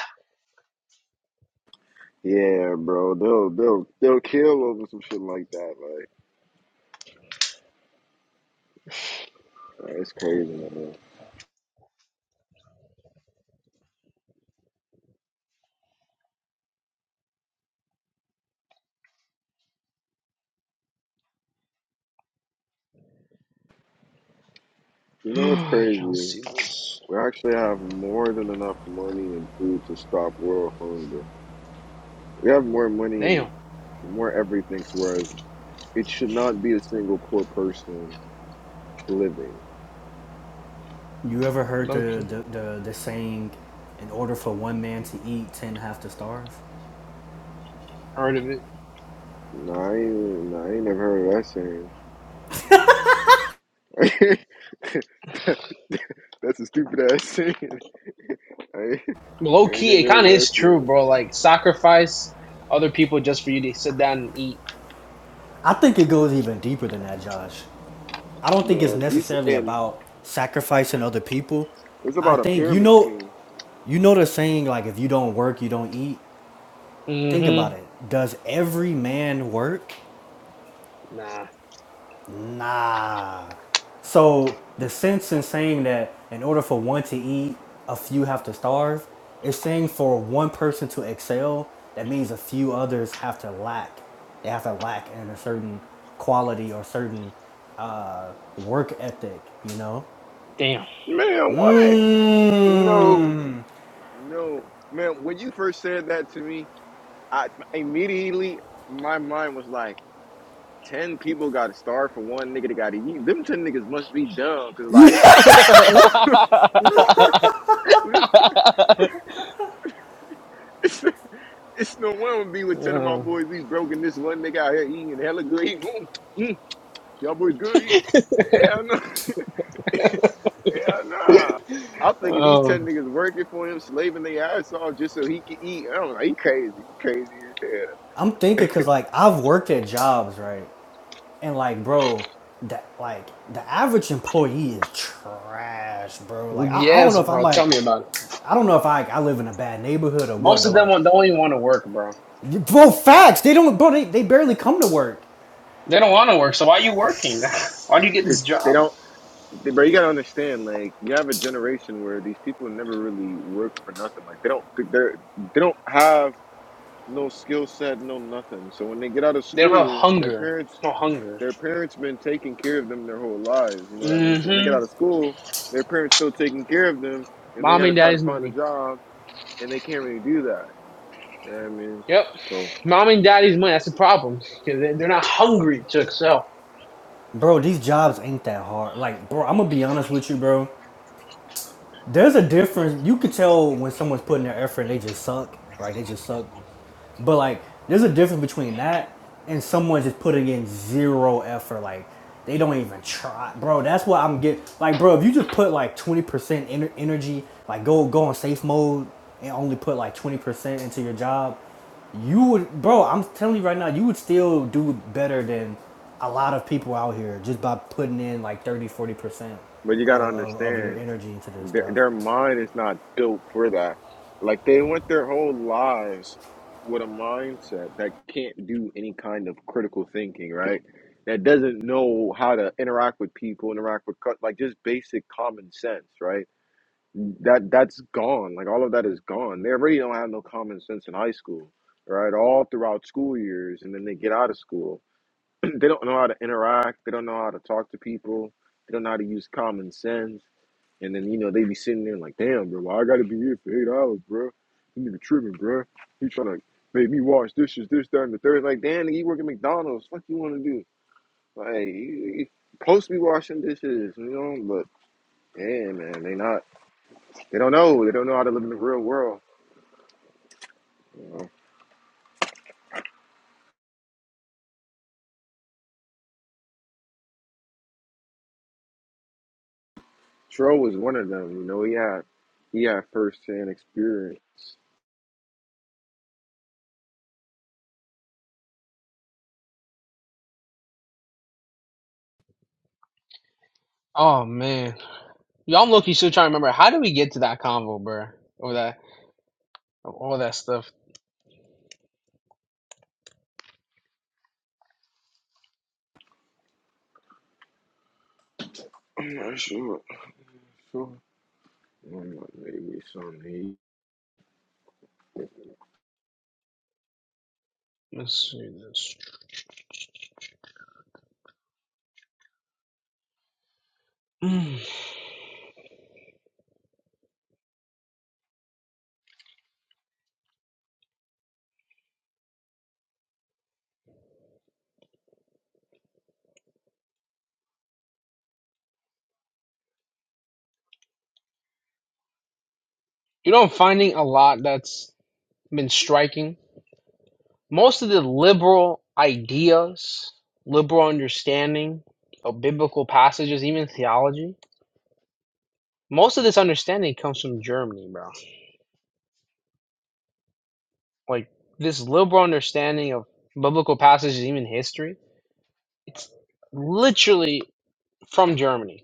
yeah, bro. They'll they'll they'll kill over some shit like that. Like, uh, it's crazy, man. You know what's
I don't
crazy?
see this.
We actually have more than enough money and food to stop world hunger. We have more money and
Damn,
more everything to whereas it should not be a single poor person living.
You ever heard
low
the,
key,
the, the, the saying, in order for one man to eat, ten have to starve?
heard of it.
No, I ain't, nah, I ain't never heard of that saying. That's a stupid ass saying. I ain't,
Low
I ain't
key, it
never
kind of
heard of
is
that
true,
saying.
bro. Like sacrifice other people just for you to sit down and eat.
I think it goes even deeper than that, Josh. I don't think it's
Man, it's,
necessarily
and
about sacrificing other people.
it's
I
about a
think you
pyramid
know
scheme.
you know the saying like if you don't work, you don't eat. Think about
Mm-hmm.
it. Does every man work?
Nah.
Nah. So the sense in saying that in order for one to eat, a few have to starve, It's saying for one person to excel, that means a few others have to lack. They have to lack in a certain quality or certain uh, work ethic, you know?
Damn.
Man, what? No,
Mmm.
no. Man, when you first said that to me, I immediately, my mind was like, 10 people got to starve for one nigga that got to eat. Them 10 niggas must be dumb, because, like, who the, who the, who the- It's no one would be with ten of my
Uh,
boys. We broken this one nigga out here eating hella good. Eating. Mm, mm, y'all boys good eating. Hell no. Hell nah. I'm thinking these ten
oh
niggas working for him, slaving their ass off just so he can eat. I don't know. He crazy. He crazy as hell.
I'm thinking because, like, I've worked at jobs, right? And like, bro, that like the average employee is trash, bro. Like, I, I don't know
yes,
if I'm
bro. Tell
like,
me about it.
I don't know if I I live in a bad neighborhood or what,
Most
but
of them
like,
don't even want to work, bro.
bro, facts. They don't, bro. They, they barely come to work,
They don't want to work, so why are you working? Why do you get this
Cause they
job?
don't. They, bro, you gotta understand. Like you have a generation where these people never really work for nothing. Like they don't. They're they don't have no skill set, no nothing. So when they get out of
They don't have
school, their
hunger.
parents
There's No hunger.
Their parents been taking care of them their whole lives. You know what I mean? So when they get
Mm-hmm.
out of school, their parents still taking care of them, and they
Mom
got to
and
try to
daddy's
find a
money.
job, and they can't really do that. You know what I mean?
Yep.
So,
Mom and daddy's money. That's the problem. Because they're not hungry to excel.
bro. These jobs ain't that hard. Like, bro, I'm gonna be honest with you, bro. There's a difference. You could tell when someone's putting their effort and they just suck, right? They just suck. But like, there's a difference between that and someone just putting in zero effort. Like, they don't even try, bro. That's what I'm getting. Like, bro, if you just put like 20% energy, like go go on safe mode and only put like 20% into your job, you would, bro. I'm telling you right now, you would still do better than a lot of people out here just by putting in like thirty, forty percent
but you got
of,
to
of, of your
understand
energy into this
their
stuff.
their mind is not built for that. Like they went their whole lives with a mindset that can't do any kind of critical thinking, right? That doesn't know how to interact with people, interact with cu- like just basic common sense, right? that that's gone. Like all of that is gone. They already don't have no common sense in high school, right? All throughout school years, and then they get out of school, they don't know how to interact. They don't know how to talk to people. They don't know how to use common sense. And then you know they be sitting there like, damn, bro, why I gotta be here for eight hours, bro? You nigga tripping, bro. He trying to make me wash dishes, this, that, and the third. Like, damn, nigga, you work at McDonald's. What you want to do? Like, you, you supposed to be washing dishes, you know? But yeah, man, they not. They don't know. They don't know how to live in the real world. You know? Tro was one of them. You know, he had he had first hand experience.
Oh, man. Y'all, I'm lucky still trying to remember. How did we get to that convo, bro? Over that, all that stuff.
I'm not sure. So, I'm not maybe some need.
Let's see this. Mm. You know, I'm finding a lot that's been striking. most of the liberal ideas, liberal understanding of biblical passages, even theology, most of this understanding comes from Germany, bro. Like this liberal understanding of biblical passages, even history, it's literally from Germany.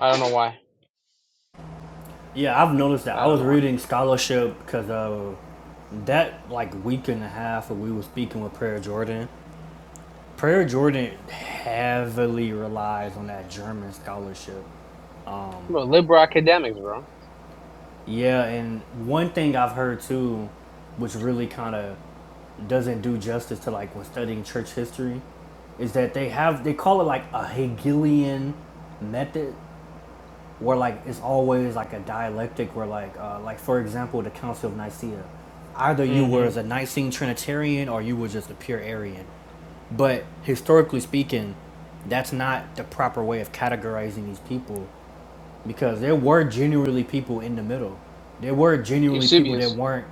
I don't know why.
Yeah, I've noticed that.
I
I
don't
was
know why.
reading scholarship because uh, that like week and a half when we were speaking with Prayer Jordan, Prayer Jordan heavily relies on that German scholarship.
Bro, liberal academics, bro.
Yeah, and one thing I've heard too, which really kind of doesn't do justice to like when studying church history, is that they have they call it like a Hegelian method, where like it's always like a dialectic, where like uh, like for example the Council of Nicaea, either you were
Mm-hmm.
as a Nicene Trinitarian or you were just a pure Arian But historically speaking, that's not the proper way of categorizing these people because there were genuinely people in the middle. There were genuinely people that
Eusebius.
weren't,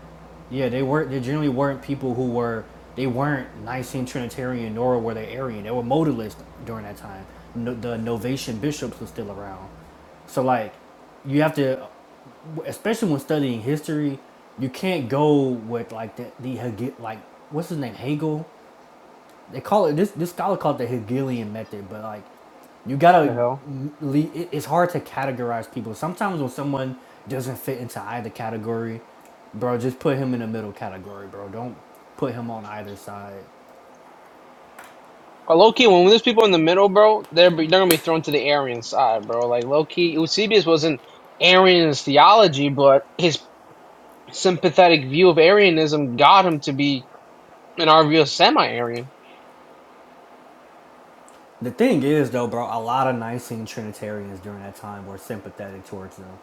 yeah, they weren't, they generally weren't people who were, they weren't Nicene Trinitarian nor were they Arian. They were modalist during that time. No, the Novatian bishops were still around. So, like, you have to especially when studying history, you can't go with like the, the Hege- like what's his name Hegel they call it this this scholar called it the Hegelian method, but like you
The
gotta
hell?
le it- it's hard to categorize people. Sometimes when someone doesn't fit into either category, bro, just put him in the middle category, bro. Don't put him on either side.
But low key, when there's people in the middle, bro, they're be- they're gonna be thrown to the Arian side, bro. Like low key, Eusebius wasn't Arian in his theology, but his sympathetic view of Arianism got him to be, in our view, semi-Arian,
The thing is though, bro, a lot of Nicene Trinitarians during that time were sympathetic towards them.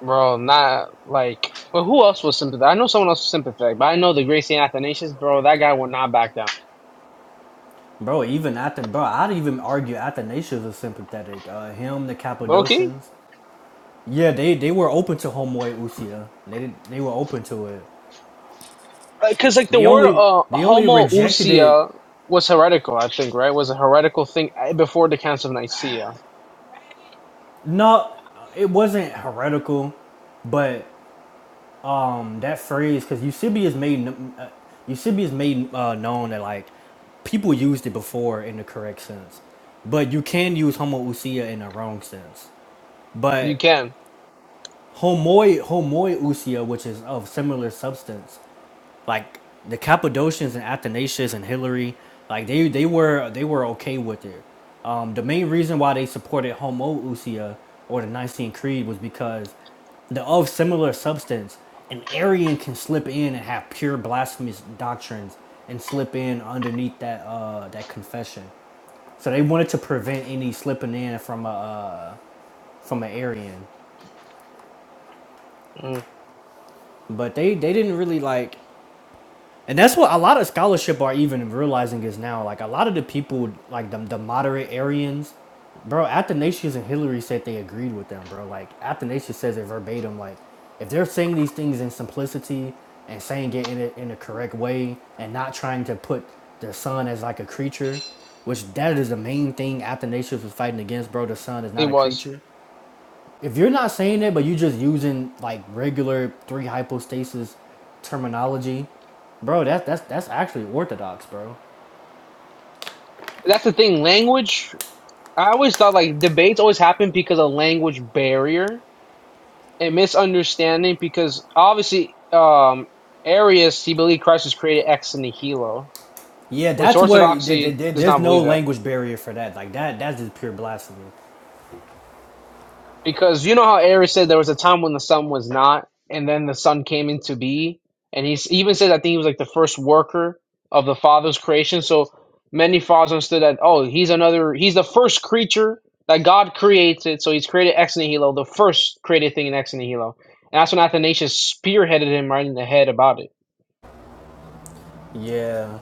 bro. Not like, well, who else was sympathetic? I know someone else was sympathetic, but I know the great Saint Athanasius, bro. That guy would not back down.
Bro, even after bro, I'd even argue Athanasius was sympathetic. Uh, him, the
Okay,
Cappadocians. Yeah, they, they were open to homoousia. They did, they were open to it.
because like the
They
word
only
uh,
they only rejected it.
homoousia was heretical, I think, right? Was a heretical thing eh, before the Council of Nicaea.
No, it wasn't heretical, but um that phrase because Eusebius made uh, Eusebius made uh, known that like people used it before in the correct sense, but you can use homoousia in the wrong sense.
You
But
can.
homoi homoi usia, which is of similar substance, like the Cappadocians and Athanasius and Hilary, like they they were they were okay with it. Um, the main reason why they supported homoousia or the Nicene Creed was because the of similar substance, an Arian can slip in and have pure blasphemous doctrines and slip in underneath that uh, that confession. So they wanted to prevent any slipping in from a uh, from an Arian,
Mm,
but they they didn't really like. and that's what a lot of scholarship are even realizing is now. Like a lot of the people, like the, the moderate Arians, bro. Athanasius and Hillary said they agreed with them, bro. Like Athanasius says it verbatim. Like if they're saying these things in simplicity and saying it in a, in a correct way and not trying to put the son as like a creature, which that is the main thing Athanasius was fighting against, bro. The son is
he
not a
was.
creature if you're not saying it, but you're just using like regular three hypostasis terminology, bro, that's that's that's actually orthodox, bro.
That's the thing. Language. I always thought like debates always happen because of language barrier and misunderstanding. Because obviously, um, Arius he believed Christ was created ex nihilo,
Yeah,
which
that's where there, there-
Orthodoxy does
there's
not
no
believe that.
language barrier for that. Like that, that's just pure blasphemy.
Because you know how Aries said there was a time when the sun was not, and then the sun came into being, and he s- he even said I think he was like the first worker of the Father's creation. So many fathers understood that oh he's another he's the first creature that God created. So he's created ex nihilo, the first created thing in ex nihilo, and that's when Athanasius spearheaded him right in the head about it.
Yeah,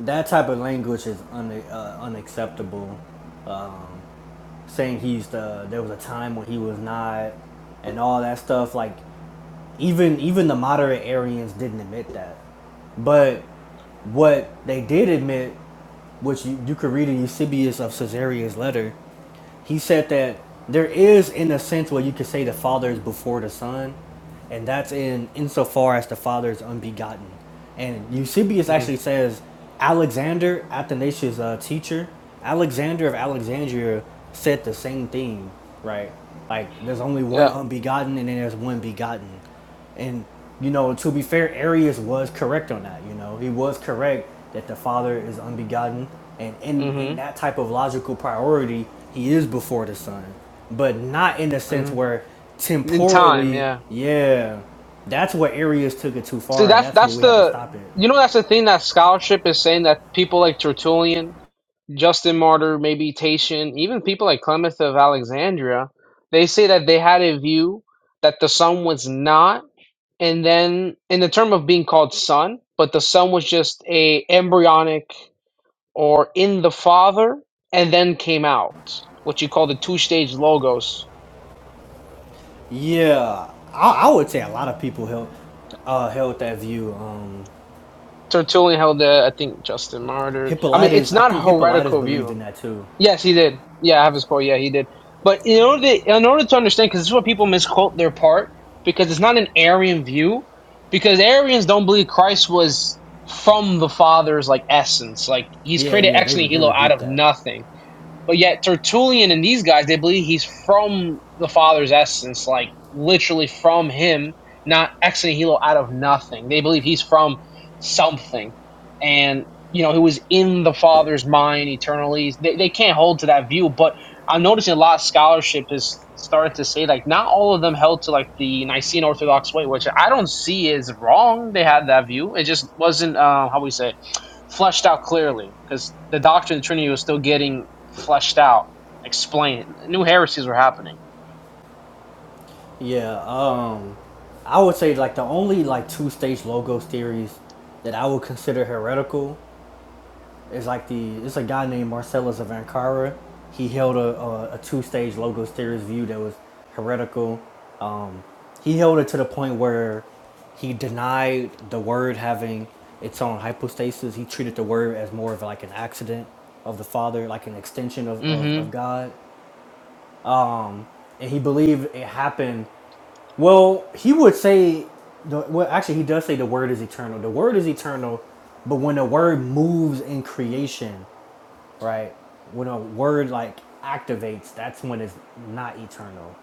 that type of language is un, uh, unacceptable. Uh, saying he's the there was a time when he was not, and all that stuff. Like even even the moderate Arians didn't admit that. But what they did admit, which you, you could read in Eusebius of Caesarea's letter, he said that there is, in a sense, where you could say the Father is before the Son, and that's in insofar as the Father is unbegotten. And Eusebius
Mm.
actually says Alexander, Athanasius' uh, teacher, Alexander of Alexandria said the same thing, right? Like, there's only one
Yeah.
unbegotten, and then there's one begotten. And you know, to be fair, Arius was correct on that. You know, he was correct that the Father is unbegotten, and in in
Mm-hmm.
that type of logical priority, he is before the Son, but not in the sense
Mm-hmm.
where
In time,
temporally,
yeah.
yeah, that's where Arius took it too
See,
far, and
that's
that's where
that's
we have to
the
stop it.
you know that's the thing that scholarship is saying that people like Tertullian Justin Martyr, maybe Tatian, even people like Clement of Alexandria, they say that they had a view that the sun was not, and then in the term of being called son, but the sun was just a embryonic or in the father, and then came out, what you call the two stage logos.
Yeah, I, I would say a lot of people held uh, held that view. Um,
Tertullian held the, I think Justin Martyr. I mean, it's
Hippolytus, I
not a
think Hippolytus
heretical
believed
view.
in that too.
Yes, he did. Yeah, I have his quote. Yeah, he did. But in order to, in order to understand, because this is what people misquote their part, because it's not an Arian view, because Arians don't believe Christ was from the Father's like essence, like he's
Yeah,
created
yeah,
ex
they re- they
nihilo out
rebuked
of
that.
nothing. But yet Tertullian and these guys, they believe he's from the Father's essence, like literally from him, not ex nihilo out of nothing. They believe he's from something. And, you know, he was in the Father's mind eternally. They, they can't hold to that view. But I'm noticing a lot of scholarship is starting to say, like, not all of them held to, like, the Nicene Orthodox way, which I don't see is wrong. They had that view. It just wasn't, uh, how we say, it, fleshed out clearly because the doctrine of the Trinity was still getting fleshed out, explained. New heresies were happening.
Yeah, um, I would say like the only like two stage logos theories that I would consider heretical is like the it's a guy named Marcellus of Ankara. He held a, a, a two stage logos theories view that was heretical. He held it to the point where he denied the word having its own hypostasis. He treated the word as more of like an accident of the Father, like an extension of, of, of
Mm-hmm.
God. And he believed it happened Well, he would say, the, well, actually, he does say the word is eternal. The word is eternal, but when the word moves in creation, right? When a word like activates, that's when it's not eternal.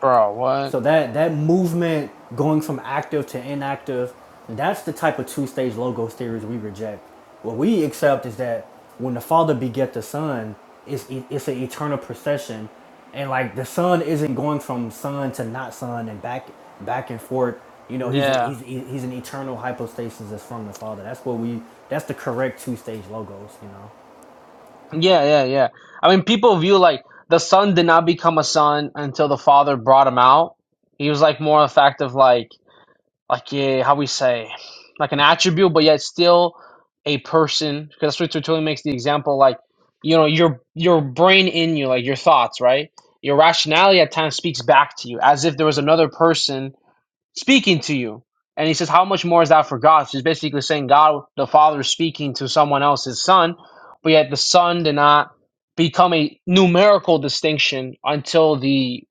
Bro, what?
So that that movement going from active to inactive, that's the type of two-stage logos theories we reject. What we accept is that when the Father beget the Son, it's e- it's an eternal procession, and like the Son isn't going from Son to not Son and back back and forth. You know, he's a,
Yeah.
he's he's an eternal hypostasis that's from the Father. That's what we. That's the correct two-stage logos. You know,
Yeah, yeah, yeah. I mean, people view like the son did not become a son until the father brought him out. He was like more a fact of like, like yeah, how we say, like an attribute, but yet still a person. Because that's what Tertullian makes the example. Like, you know, your your brain in you, like your thoughts, right? Your rationality at times speaks back to you as if there was another person speaking to you. And he says, How much more is that for God? She's basically saying God the Father is speaking to someone else's son, but yet the son did not become a numerical distinction until the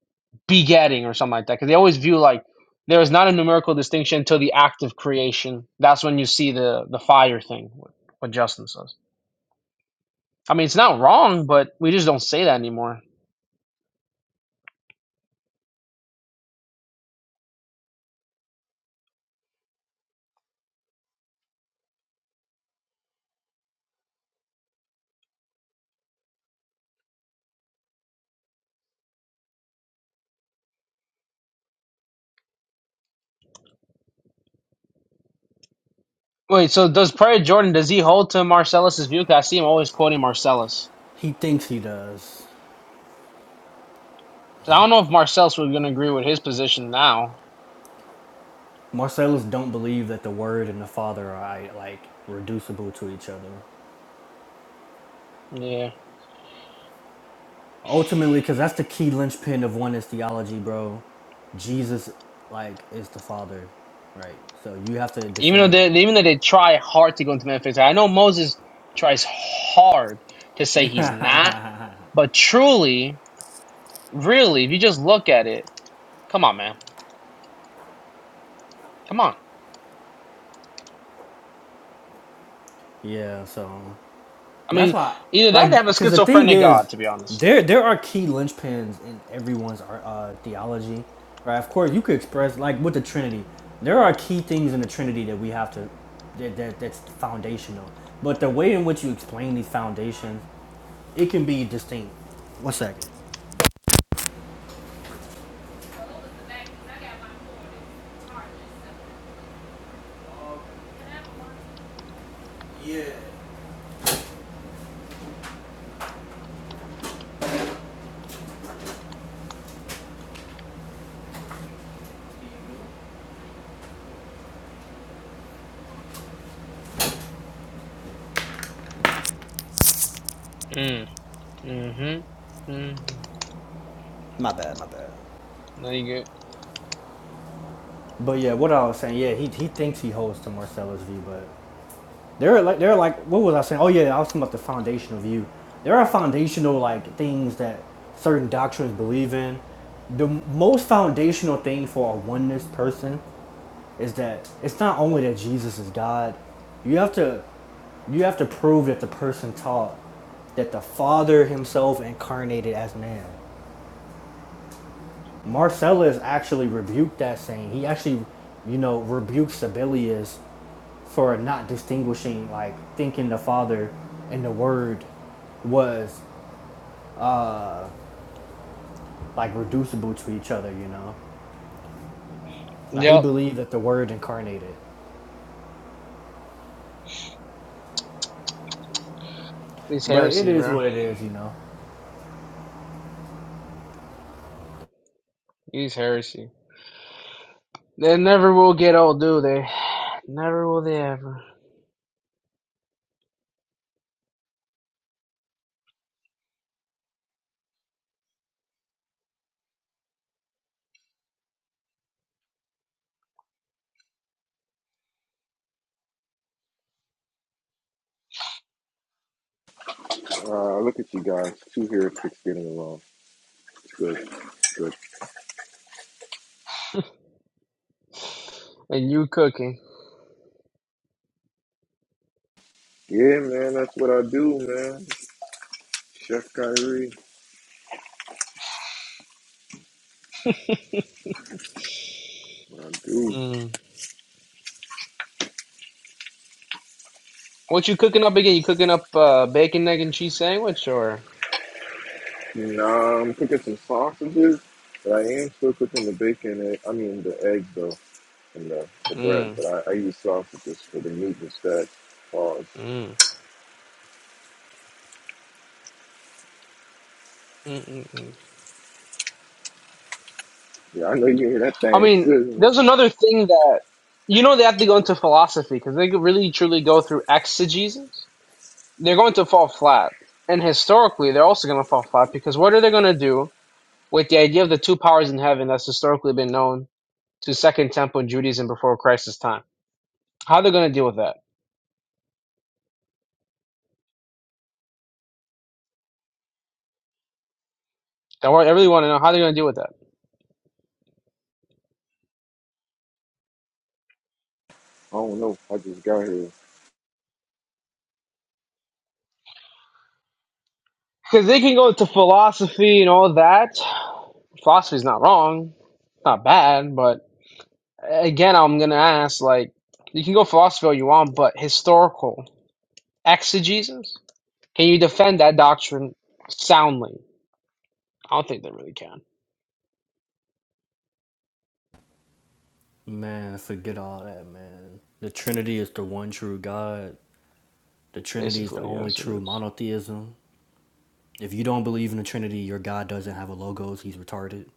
begetting or something like that. Because they always view like there is not a numerical distinction until the act of creation. That's when you see the the fire thing, what what Justin says. I mean, it's not wrong, but we just don't say that anymore. Wait, so does Prayer Jordan, does he hold to Marcellus's view? Because I see him always quoting Marcellus.
he thinks he does.
'Cause I don't know if Marcel's was gonna agree with his position now.
Marcellus don't believe that the Word and the Father are like reducible to each other.
Yeah,
Ultimately, because that's the key linchpin of oneness theology, bro. Jesus, like, is the Father, right? So you have to
even though
defend.
they even though they try hard to go into Memphis, I know Moses tries hard to say he's not, but truly, really, if you just look at it, come on, man, come on.
yeah. So.
I
That's
mean,
why,
either that, or they
like,
have a
because the thing
schizophrenic
is,
God, to be honest.
there there are key linchpins in everyone's uh, theology, right? Of course, you could express like with the Trinity, there are key things in the Trinity that we have to that, that that's foundational. But the way in which you explain these foundations, it can be distinct. One second.
Mm, mm-hmm, mm
My bad, my bad.
No, you good.
But yeah, what I was saying, yeah, he, he thinks he holds to Marcellus' view, but They're like they're like what was I saying? Oh yeah, I was talking about the foundational view. There are foundational like things that certain doctrines believe in. The most foundational thing for a oneness person is that it's not only that Jesus is God. You have to you have to prove that the person taught that the Father himself incarnated as man. Marcellus actually rebuked that saying. He actually, you know, rebuked Sibelius for not distinguishing, like thinking the Father and the Word was like reducible to each other, you know? Like he
Yep,
believed that the Word incarnated.
these
But it
heresies,
is
bro.
what it is, you know?
These heresy. They never will get old, do they? Never will they ever.
Uh, look at you guys. Two heretics getting along. It's good. It's good.
And you cooking.
Yeah, man. That's what I do, man. Chef Kyrie. What I do.
What you cooking up again? You cooking up uh, bacon, egg, and cheese sandwich, or?
Nah, I'm cooking some sausages, but I am still cooking the bacon. Egg, I mean, the eggs though, and the, the bread.
Mm,
But I, I use sausages for the meat instead. Uh,
mm, mm, mm, mm.
Yeah, I know you hear that
I
thing
mean,
sizzling.
there's another thing that you know they have to go into philosophy because they could really truly go through exegesis. They're going to fall flat, and historically, they're also going to fall flat because what are they going to do with the idea of the two powers in heaven that's historically been known to Second Temple Judaism before Christ's time? How they are going to deal with that? I wa- I really want to know how they're going to deal with that
I don't know. I just got here.
because they can go into philosophy and all that, philosophy's not wrong, not bad, but again, I'm gonna ask like, you can go philosophy all you want, but historical exegesis, can you defend that doctrine soundly? I don't think they really can.
Man, forget all that, man. The Trinity is the one true God, the Trinity is the
Basically,
only
yes, it
true
is.
monotheism. If you don't believe in the Trinity, your God doesn't have a logos, he's retarded.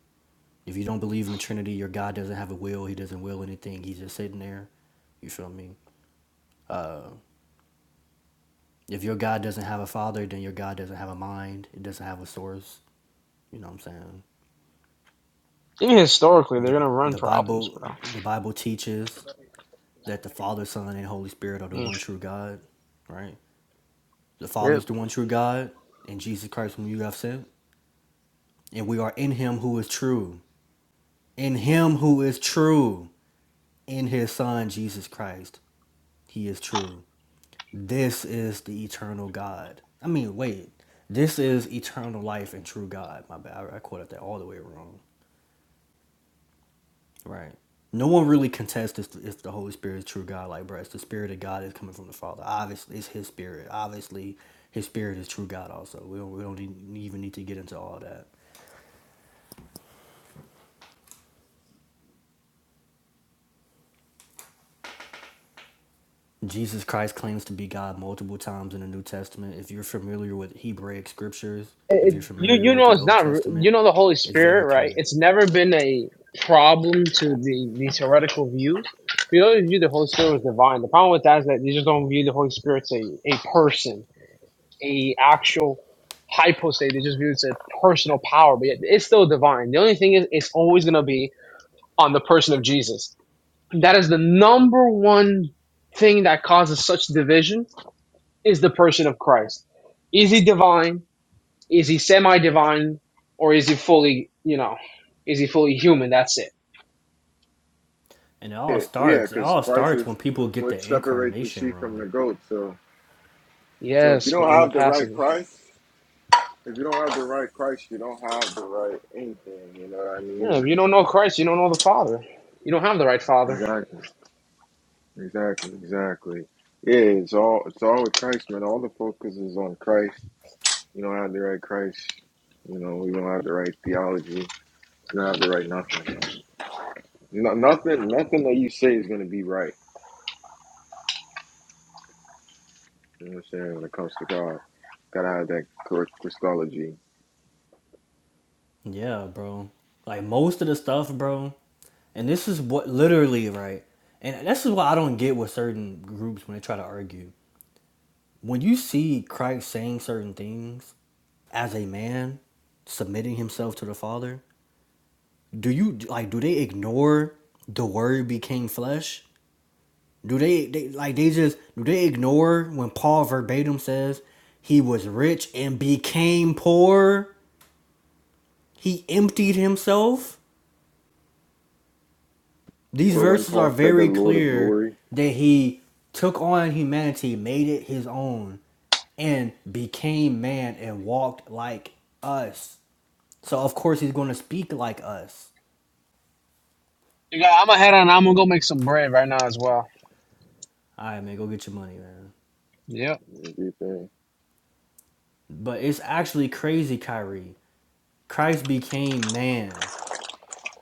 If you don't believe in the Trinity, your God doesn't have a will, he doesn't will anything, he's just sitting there. You feel me? If your God doesn't have a father, then your God doesn't have a mind. It doesn't have a source. You know what I'm saying?
Even historically, they're
The
gonna run
the
problems,
Bible
bro.
the Bible teaches that the Father, Son, and Holy Spirit are the
Mm.
one true God, right? The Father
Yep.
is the one true God, and Jesus Christ whom you have sent. And we are in him who is true. In him who is true. In his Son Jesus Christ. He is true. This is the eternal God. I mean, wait. This is eternal life and true God. My bad. I, quoted that all the way wrong. Right. No one really contests if, the Holy Spirit is true God. Like, bro, it's the Spirit of God is coming from the Father. Obviously, it's His Spirit. Obviously, His Spirit is true God. Also, we don't we don't even need to get into all that. Jesus Christ claims to be God multiple times in the New Testament. If you're familiar with Hebraic scriptures,
It,
if
it-
you're
you
familiar
you
with
know
the
it's
Old
not re-
Testament,
you know the Holy
it's
Spirit,
very
right?
clear.
It's never been a problem to the these heretical views. We always view the Holy Spirit as divine. The problem with that is that you just don't view the Holy Spirit as a, a person a actual hypostate. They just view it as a personal power, but yet it's still divine. The only thing is, it's always going to be on the person of Jesus. That is the number one thing that causes such division is the person of Christ. Is he divine? Is he semi-divine? Or is he fully, you know, is he fully human? That's it.
And it all
Yeah, yeah,
starts. It
because
all
Christ
starts when
is
people get
what
the
separates the
incarnation
sheep from
wrong.
the goat. So, so if you
Yes, we're
don't
on the
have the right
passages.
Christ, if you don't have the right Christ, you don't have the right anything. You know what I
Yeah, if
mean?
you don't know Christ, you don't know the Father. You don't have the right Father.
Exactly, exactly, exactly. Yeah, it's all it's all with Christ, man. All the focus is on Christ. You don't have the right Christ. You know, you don't have the right theology. You don't have the right nothing. Like no, nothing, nothing that you say is gonna be right. You know what I'm saying? When it comes to God, gotta have that correct Christology.
Yeah, bro. Like most of the stuff, bro. And this is what literally right. And this is what I don't get with certain groups when they try to argue. When you see Christ saying certain things as a man submitting himself to the Father, do you like do they ignore the word became flesh? Do they, they like they just do they ignore when Paul verbatim says he was rich and became poor? He emptied himself. These
Or when
verses are
Paul said the
very
Lord of
clear
glory,
that he took on humanity, made it his own, and became man and walked like us. So of course he's gonna speak like us.
You got, I'm ahead, to on. I'm gonna go make some bread right now as well.
All right, man, go get your money, man.
Yep.
you know, do you
But it's actually crazy, Kyrie. Christ became man.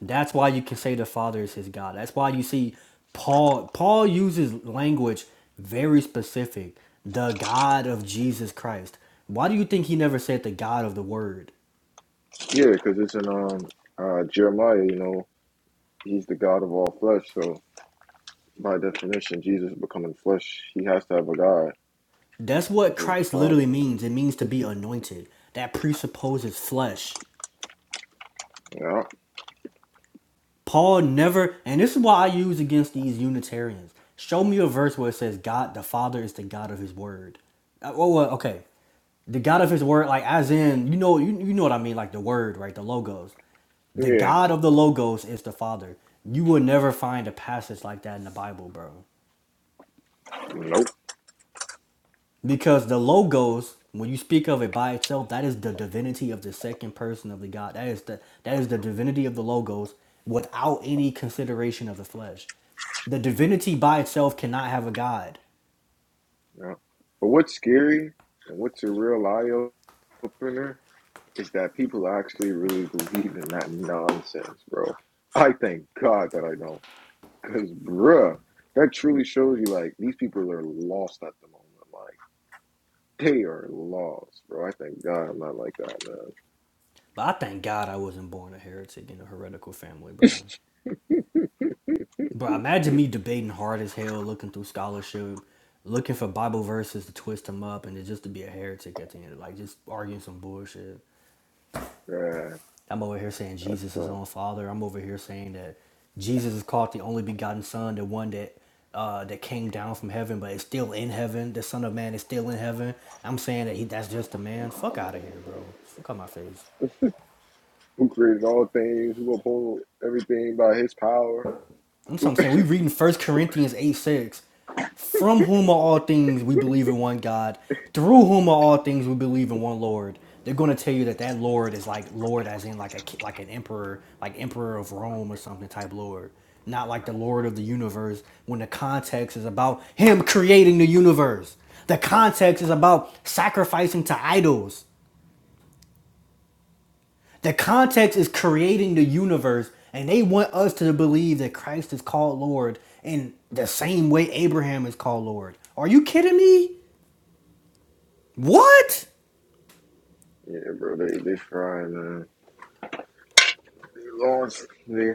That's why you can say the Father is his God. That's why you see Paul Paul uses language very specific. The God of Jesus Christ. Why do you think he never said the God of the Word?
think? Yeah, because it's in um uh Jeremiah, you know, he's the God of all flesh, so by definition, Jesus becoming flesh, he has to have a God,
That's what
which is the
Christ literally
Father.
means. It means to be anointed. That presupposes flesh.
Yeah.
Paul never, and this is why I use against these Unitarians. Show me a verse where it says God the Father is the God of His Word. Uh, Oh, well, okay, the God of His Word, like as in you know, you, you know what I mean, like the Word, right? The Logos. The
Yeah.
God of the Logos is the Father. You will never find a passage like that in the Bible, bro.
Nope.
Because the logos, when you speak of it by itself, that is the divinity of the second person of the God. That is the that is the divinity of the logos without any consideration of the flesh. The divinity by itself cannot have a God.
Yeah. But what's scary and what's a real eye opener is that people actually really believe in that nonsense, bro. I thank God that I don't. Cause bruh, that truly shows you like these people are lost at the moment. Like they are lost, bro. I thank God I'm not like that,
But I thank God I wasn't born a heretic in a heretical family, bro.
man.
Bro, imagine me debating hard as hell, looking through scholarship, looking for Bible verses to twist them up, and it just to be a heretic at the end, like just arguing some bullshit.
Yeah,
I'm over here saying
that
Jesus is
sucks.
on Father. I'm over here saying that Jesus is called the only begotten Son, the one that uh, that came down from heaven, but is still in heaven. The Son of Man is still in heaven. I'm saying that he that's just a man. Fuck out of here, bro. Fuck out my face.
Who created all things? Who uphold everything by His power?
That's what I'm saying. We reading First Corinthians 8 6. From whom are all things we believe in one God, through whom are all things we believe in one Lord. They're going to tell you that that Lord is like Lord as in like a like an emperor, like emperor of Rome or something type Lord, not like the Lord of the universe. When the context is about him creating the universe, the context is about sacrificing to idols. The context is creating the universe, and they want us to believe that Christ is called Lord in the same way Abraham is called Lord. Are you kidding me? What?
Yeah, bro. They they fried, man. They lost. They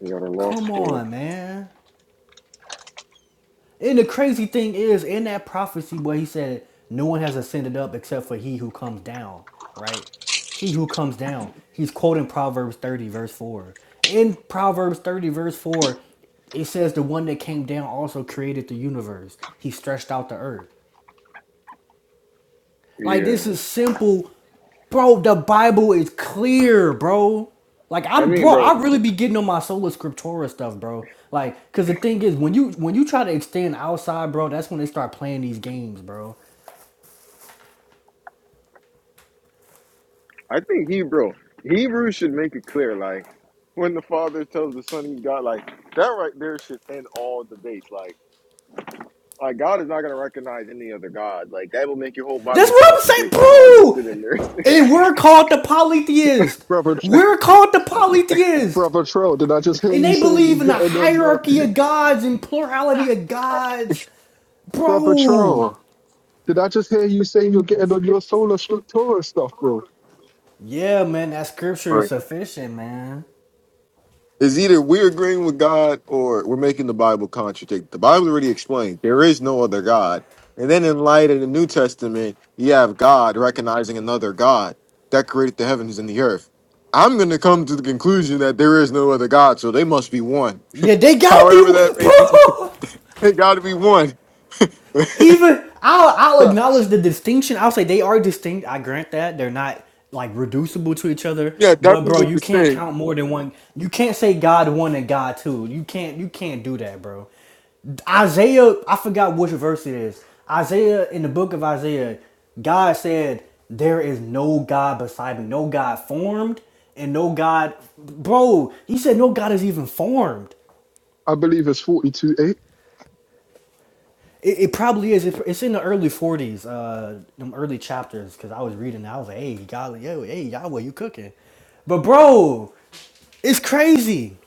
they got a loss
Come
for it.
on, man. And the crazy thing is, in that prophecy where he said, No one has ascended up except for he who comes down, right? He who comes down. He's quoting Proverbs 30, verse 4. In Proverbs 30, verse 4, it says the one that came down also created the universe. He stretched out the earth. Like this
Yeah.
is simple, bro. The Bible is clear, bro. Like
I
I'm,
mean,
bro.
bro.
I really be getting on my sola scriptura stuff, bro. Like, cause the thing is, when you when you try to extend outside, bro, that's when they start playing these games, bro.
I think Hebrew Hebrew should make it clear, like when the Father tells the Son He's God, like that right there should end all debates. Like. Like God is not gonna recognize any other God. Like that will make your whole
That's
Bible
what I'm
contradict the Father sitting
saying,
there.
bro. And we're called the polytheist.
Brother,
We're called the polytheist,
Brother Troll, did I just hear
and
you
they
say you're
believe in a
getting on your
hierarchy of gods and plurality of gods,
Brother
bro.
Troll? Did I just hear you say you're getting on your solar structura stuff, bro?
Yeah, man, that scripture is
Right.
sufficient, man.
It's either we're agreeing with God or we're making the Bible contradict. The Bible already explained there is no other God. And then in light of the New Testament, you have God recognizing another God that created the heavens and the earth. I'm going to come to the conclusion that there is no other God, so they must be one.
Yeah, they gotta
However that
be
may be,
bro.
they got to be one.
Even I'll I'll acknowledge
Facts.
the distinction. I'll say they are distinct. I grant that they're not like reducible to each other.
yeah,
But bro,
definitely
you
the
can't
same.
count more than one. You can't say God one and God two. You can't you can't do that, bro. Isaiah, I forgot which verse it is. Isaiah in the book of Isaiah, God said, "There is no God beside me, no God formed, and no God, bro." He said, "No God is even formed."
I believe it's 42.8.
It, it probably is. It, it's in the early forties, uh, them early chapters. Because I was reading, that. I was like, "Hey, golly, yo, hey, Yahweh, you cooking?" But bro, it's crazy.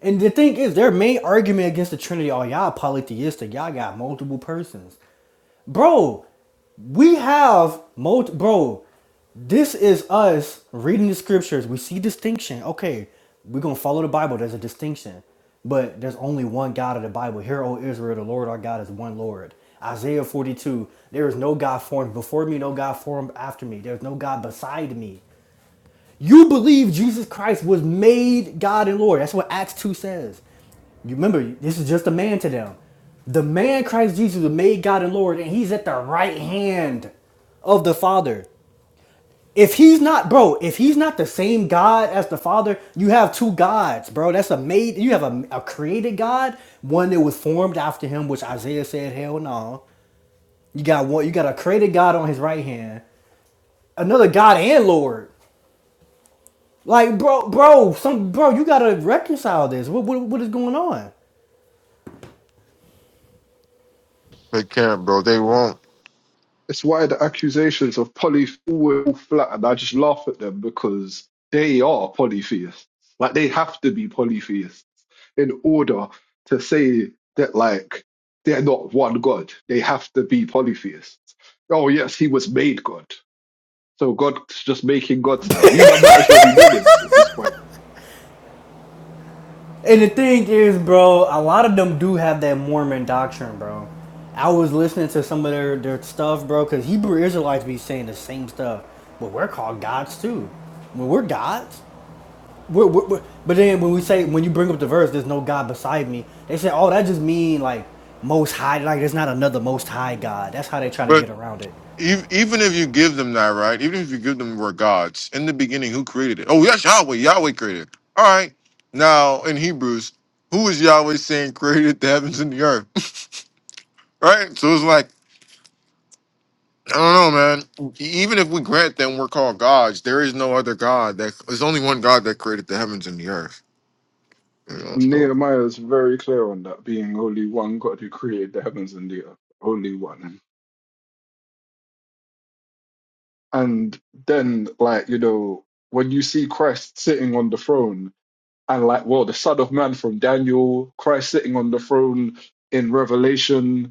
And the thing is, their main argument against the Trinity, oh, y'all polytheistic. Y'all got multiple persons bro. We have multi, bro. This is us reading the scriptures. We see distinction. Okay, we're gonna follow the Bible. There's a distinction, but there's only one God of the Bible. Hear, O Israel, the Lord our God is one Lord. Isaiah 42. There is no God formed before me, no God formed after me. There's no God beside me. You believe Jesus Christ was made God and Lord. That's what Acts 2 says. You remember, this is just a man to them. The man Christ Jesus was made God and Lord, and he's at the right hand of the Father. If he's not, bro, if he's not the same God as the Father, you have two gods, bro. That's a made, you have a, a created God, one that was formed after him, which Isaiah said, hell no. You got one, you got a created God on his right hand, another God and Lord. Like, bro, bro, some bro, you gotta reconcile this. What, what, what is going on?
They can't, bro. They won't.
It's why the accusations of polytheism are flat, and I just laugh at them because they are polytheists. Like, they have to be polytheists in order to say that, like, they're not one God. They have to be polytheists. Oh, yes, he was made God. So God's just making gods now. You might as well be Mormons at this point.
And the thing is, bro, a lot of them do have that Mormon doctrine, bro. I was listening to some of their, their stuff, bro, because Hebrew Israelites be saying the same stuff. But we're called gods too. When we're gods, we're, we're, we're- but then when we say when you bring up the verse, there's no God beside me. They say, oh, that just mean like most high, like there's not another most high God. That's how they try to
But
get around it.
ev- even if you give them that, right? Even if you give them were gods in the beginning, who created it? Oh, yes, Yahweh. Yahweh created. it. All right. Now in Hebrews, who is Yahweh saying created the heavens and the earth? right. So it's like I don't know, man. E, Even if we grant them we're called gods, there is no other god. That there's only one God that created the heavens and the earth. You know. So
Nehemiah is very clear on that, being only one God who created the heavens and the earth, only one. And then, like, you know, when you see Christ sitting on the throne, and like, well, the Son of Man from Daniel, Christ sitting on the throne in Revelation,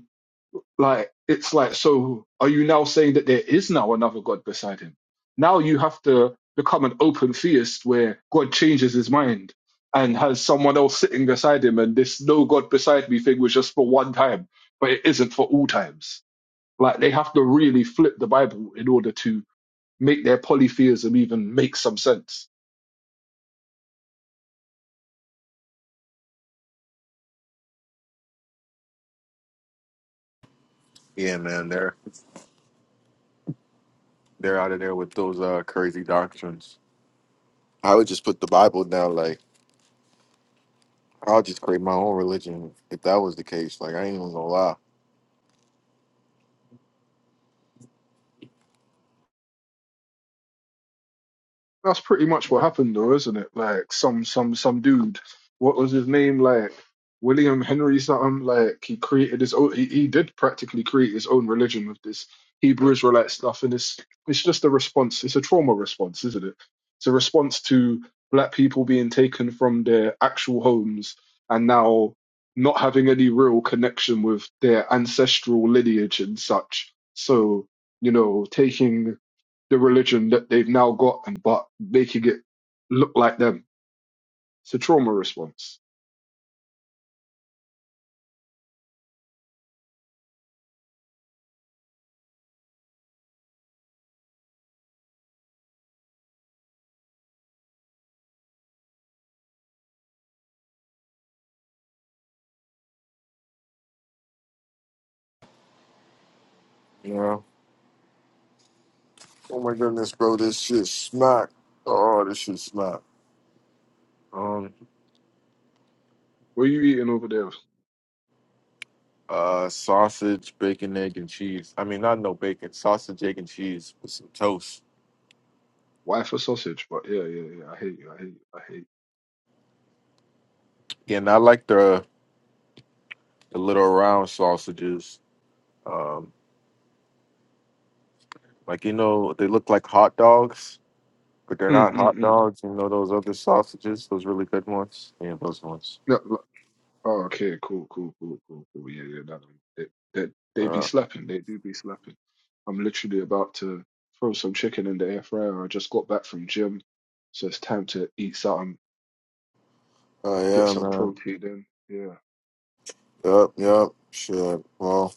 Like, it's like, so are you now saying that there is now another God beside him? Now you have to become an open theist where God changes his mind and has someone else sitting beside him. And this no God beside me thing was just for one time, but it isn't for all times. Like, they have to really flip the Bible in order to make their polytheism even make some sense
Yeah, man, they're they're out of there with those uh crazy doctrines. I would just put the Bible down, like I'll just create my own religion if that was the case. Like I ain't even gonna lie.
that's pretty much what happened though, isn't it? Like some some some dude, what was his name? Like William Henry something. Like he created his own. He, he did practically create his own religion with this Hebrew Israelite stuff, and it's it's just a response. It's a trauma response, isn't it? It's a response to black people being taken from their actual homes and now not having any real connection with their ancestral lineage and such. So you know, taking the religion that they've now gotten, but making it look like them. It's a trauma response.
You know? Oh my goodness, bro, this shit smack. Oh, this shit smack. Um,
What are you eating over there?
uh, sausage, bacon, egg, and cheese. I mean, not no bacon, sausage, egg, and cheese with some toast.
Wife or sausage? But yeah, yeah, yeah. I hate you. I hate you. I hate
Again, I like the the little round sausages. Um, like you know, they look like hot dogs, but they're
you. Mm,
not
mm,
hot
mm.
dogs. You know those other sausages, those really good ones. Yeah, those ones.
No, no. oh, okay. Cool, cool, cool, cool, cool. Yeah, yeah. No, no. They, they, they be
Uh,
slapping. They do be slapping. I'm literally about to throw some chicken in the air fryer. I just got back from gym. So it's time to eat something,
oh
get
yeah,
some
man.
protein in. Yeah.
Yup, yup. Shit. Well.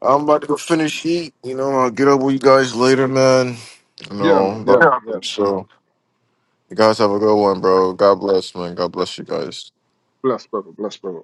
I'm about to go finish eat. You know, I'll get up with you guys later, man. You
Yeah,
know,
man. Yeah, man. Yeah,
but,
man.
so you guys have a good one,
Ah,
bro. God bless, man. God
yeah.
bless you guys.
Bless, brother. Bless, brother.